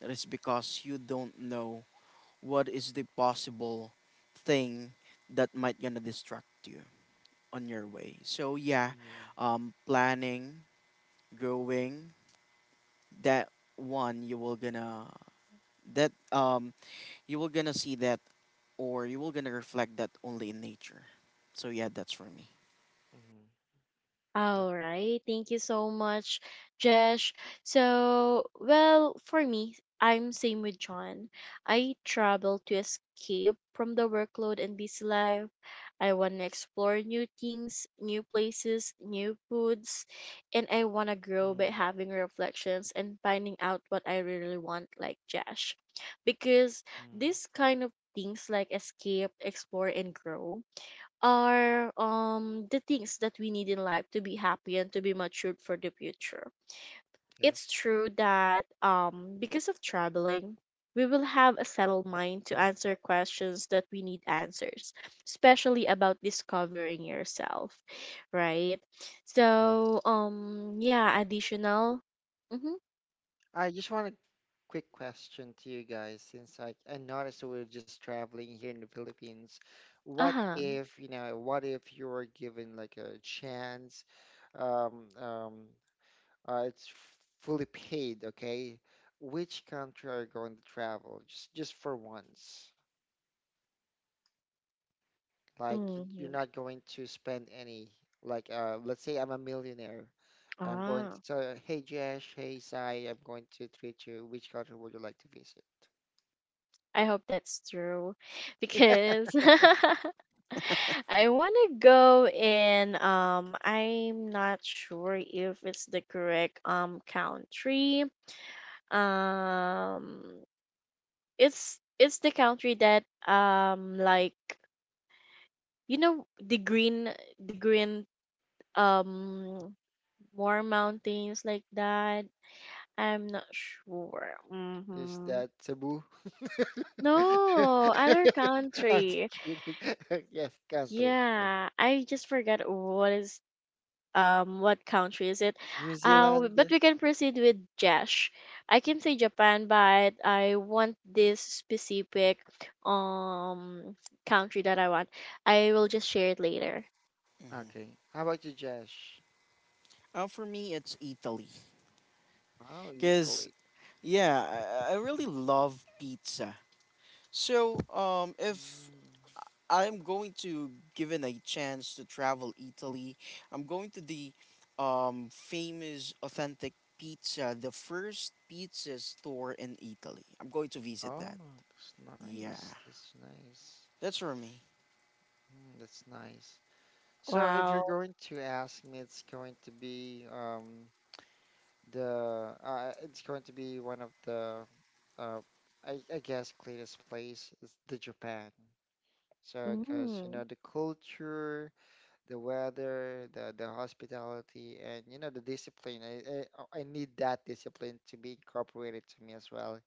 Speaker 2: That is because you don't know what is the possible thing that might gonna distract you on your way. So yeah,
Speaker 3: Mm-hmm.
Speaker 2: planning, growing, that one you will gonna, that you will gonna see that, or you will gonna reflect that only in nature. So yeah, that's for me.
Speaker 3: Mm-hmm. That,
Speaker 1: All right. Thank you so much, Jesh. So, well, for me, I'm same with John. I travel to escape from the workload and busy life. I want to explore new things, new places, new foods, and I want to grow by having reflections and finding out what I really want, like Jesh. Because
Speaker 3: mm-hmm.
Speaker 1: this kind of things like escape, explore, and grow are the things that we need in life to be happy and to be matured for the future. It's
Speaker 3: Yes.
Speaker 1: true that because of traveling, we will have a settled mind to answer questions that we need answers, especially about discovering yourself, right?
Speaker 3: Yes.
Speaker 1: So yeah, additional. Mhm.
Speaker 3: I just want a quick question to you guys since I noticed we're just traveling here in the Philippines. What
Speaker 1: Uh-huh.
Speaker 3: if, you know, what if you were given like a chance? Um, um, it's fully paid, okay? Which country are you going to travel? Just for once. You're
Speaker 1: Mhm.
Speaker 3: not going to spend any. Like let's say I'm a millionaire. I'm going
Speaker 1: Ah.
Speaker 3: to tell, you, hey Jesh, hey Sai, I'm going to treat you. Which country would you like to visit?
Speaker 1: I hope that's true, because I want to go in, I'm not sure if it's the correct country. Um it's the country that like, you know, the green, the green um more mountains like that. I'm not sure.
Speaker 3: Is
Speaker 1: Mhm.
Speaker 3: that Cebu?
Speaker 1: No, other
Speaker 3: I'm just
Speaker 1: country.
Speaker 3: kidding. Yes, country. Yes.
Speaker 1: Yeah, I just forgot what is what country is it?
Speaker 3: New Zealand.
Speaker 1: But we can proceed with Jash. I can say Japan, but I want this specific um country that I want. I will just share it later.
Speaker 2: Hmm.
Speaker 3: Okay. How about you, Josh?
Speaker 2: For me, it's Italy,
Speaker 3: Oh,
Speaker 2: cause
Speaker 3: Italy.
Speaker 2: yeah, I really love pizza. So if
Speaker 3: Mm.
Speaker 2: I'm going to given a chance to travel Italy, I'm going to the famous authentic pizza, the first pizza store in Italy. I'm going to visit
Speaker 3: Oh,
Speaker 2: that.
Speaker 3: that's
Speaker 2: Yeah,
Speaker 3: nice. That's nice.
Speaker 2: that's for me.
Speaker 3: Mm, that's nice. So if you're
Speaker 1: Wow.
Speaker 3: going to ask me, it's going to be the it's going to be one of the uh, I guess cleanest place is the Japan. So because you know
Speaker 1: Mm.
Speaker 3: the culture, the weather, the hospitality, and you know the discipline. I need that discipline to be incorporated to me as well,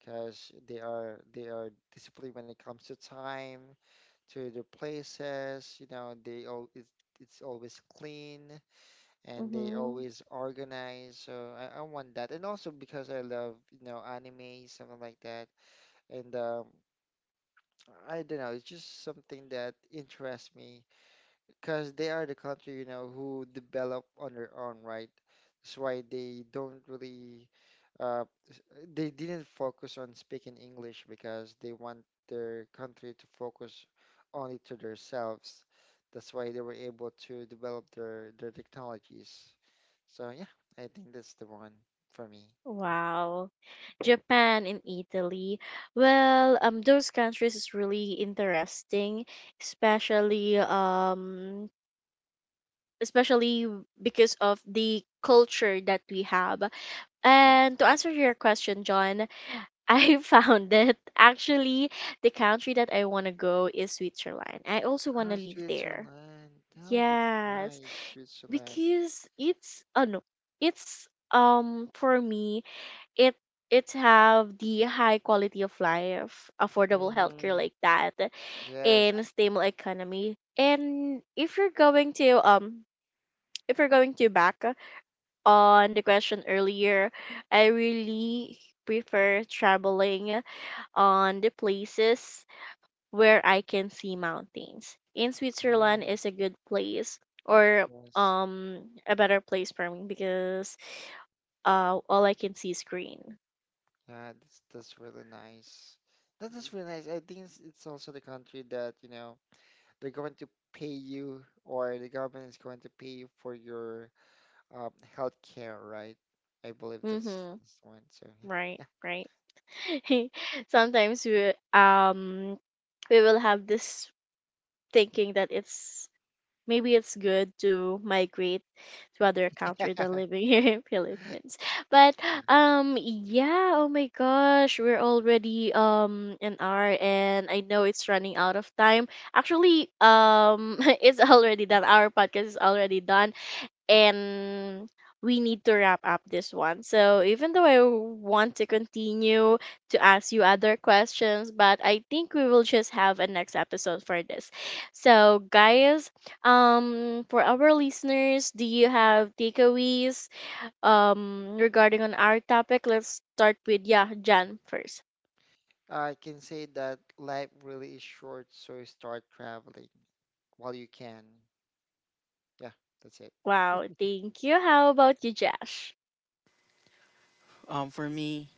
Speaker 3: because they are disciplined when it comes to time, to their places. You know they all it's always clean and they
Speaker 1: Mm-hmm.
Speaker 3: always organize. So I want that, and also because I love you know anime, something like that, and I don't know, it's just something that interests me because they are the country, you know, who develop on their own, right? That's why they don't really, uh, s- they didn't focus on speaking English because they want their country to focus only to themselves. That's why they were able to develop their technologies. So yeah, I think that's the one for me.
Speaker 1: Wow. Japan and Italy. Well, those countries is really interesting, especially especially because of the culture that we have.
Speaker 3: Yes.
Speaker 1: And to answer your question, John, I found it actually, the country that I want to go is Switzerland. I also want
Speaker 3: Ah,
Speaker 1: to live there.
Speaker 3: Switzerland. Oh, that's
Speaker 1: Yes,
Speaker 3: nice, Switzerland.
Speaker 1: because it's, oh no, it's for me, it it have the high quality of life, affordable healthcare
Speaker 3: Hmm.
Speaker 1: like that,
Speaker 3: Yes.
Speaker 1: and a stable economy. And if you're going to back on the question earlier, I really prefer traveling on the places where I can see mountains. In
Speaker 3: Oh,
Speaker 1: Switzerland is a good place or
Speaker 3: yes.
Speaker 1: a better place for me, because all I can see is green.
Speaker 3: Yeah, that's really nice. That is really nice. I think it's also the country that, you know, they're going to pay you or the government is going to pay you for your health care, right? I believe that's
Speaker 1: Mhm.
Speaker 3: that's the one. So
Speaker 1: Right, right. Sometimes we will have this thinking that it's maybe it's good to migrate to other
Speaker 3: yeah.
Speaker 1: country than living here in Philippines. But yeah, oh my gosh, we're already an hour and I know it's running out of time. Actually, it's already done. Our podcast is already done and we need to wrap up this one. So even though I want to continue to ask you other questions, but I think we will just have a next episode for this. So guys, for our listeners, do you have takeaways regarding on our topic? Let's start with yeah, Jan first.
Speaker 3: I can say that life really is short, so start traveling while you can. Yeah, that's it.
Speaker 1: Wow, thank you. How about you, Josh?
Speaker 2: For me,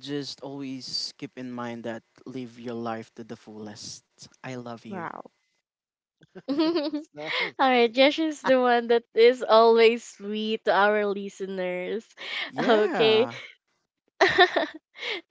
Speaker 2: just always keep in mind that live your life to the fullest. I love you.
Speaker 1: Wow.
Speaker 3: It's
Speaker 1: All right,
Speaker 3: nice.
Speaker 1: Jesh is the one that is always sweet to our listeners. Okay.
Speaker 2: Yeah.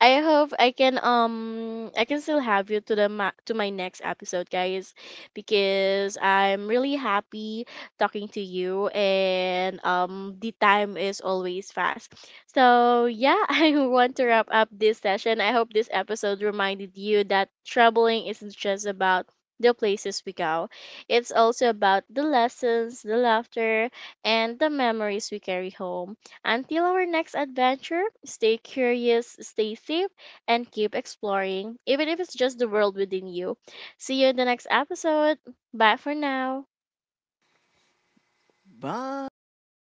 Speaker 1: I hope I can still have you to the to my next episode, guys, because I'm really happy talking to you and the time is always fast. So yeah, I want to wrap up this session. I hope this episode reminded you that traveling isn't just about the places we go. It's also about the lessons, the laughter, and the memories we carry home. Until our next adventure, stay curious, stay safe, and keep exploring, even if it's just the world within you. See you in the next episode. Bye for now.
Speaker 2: Bye.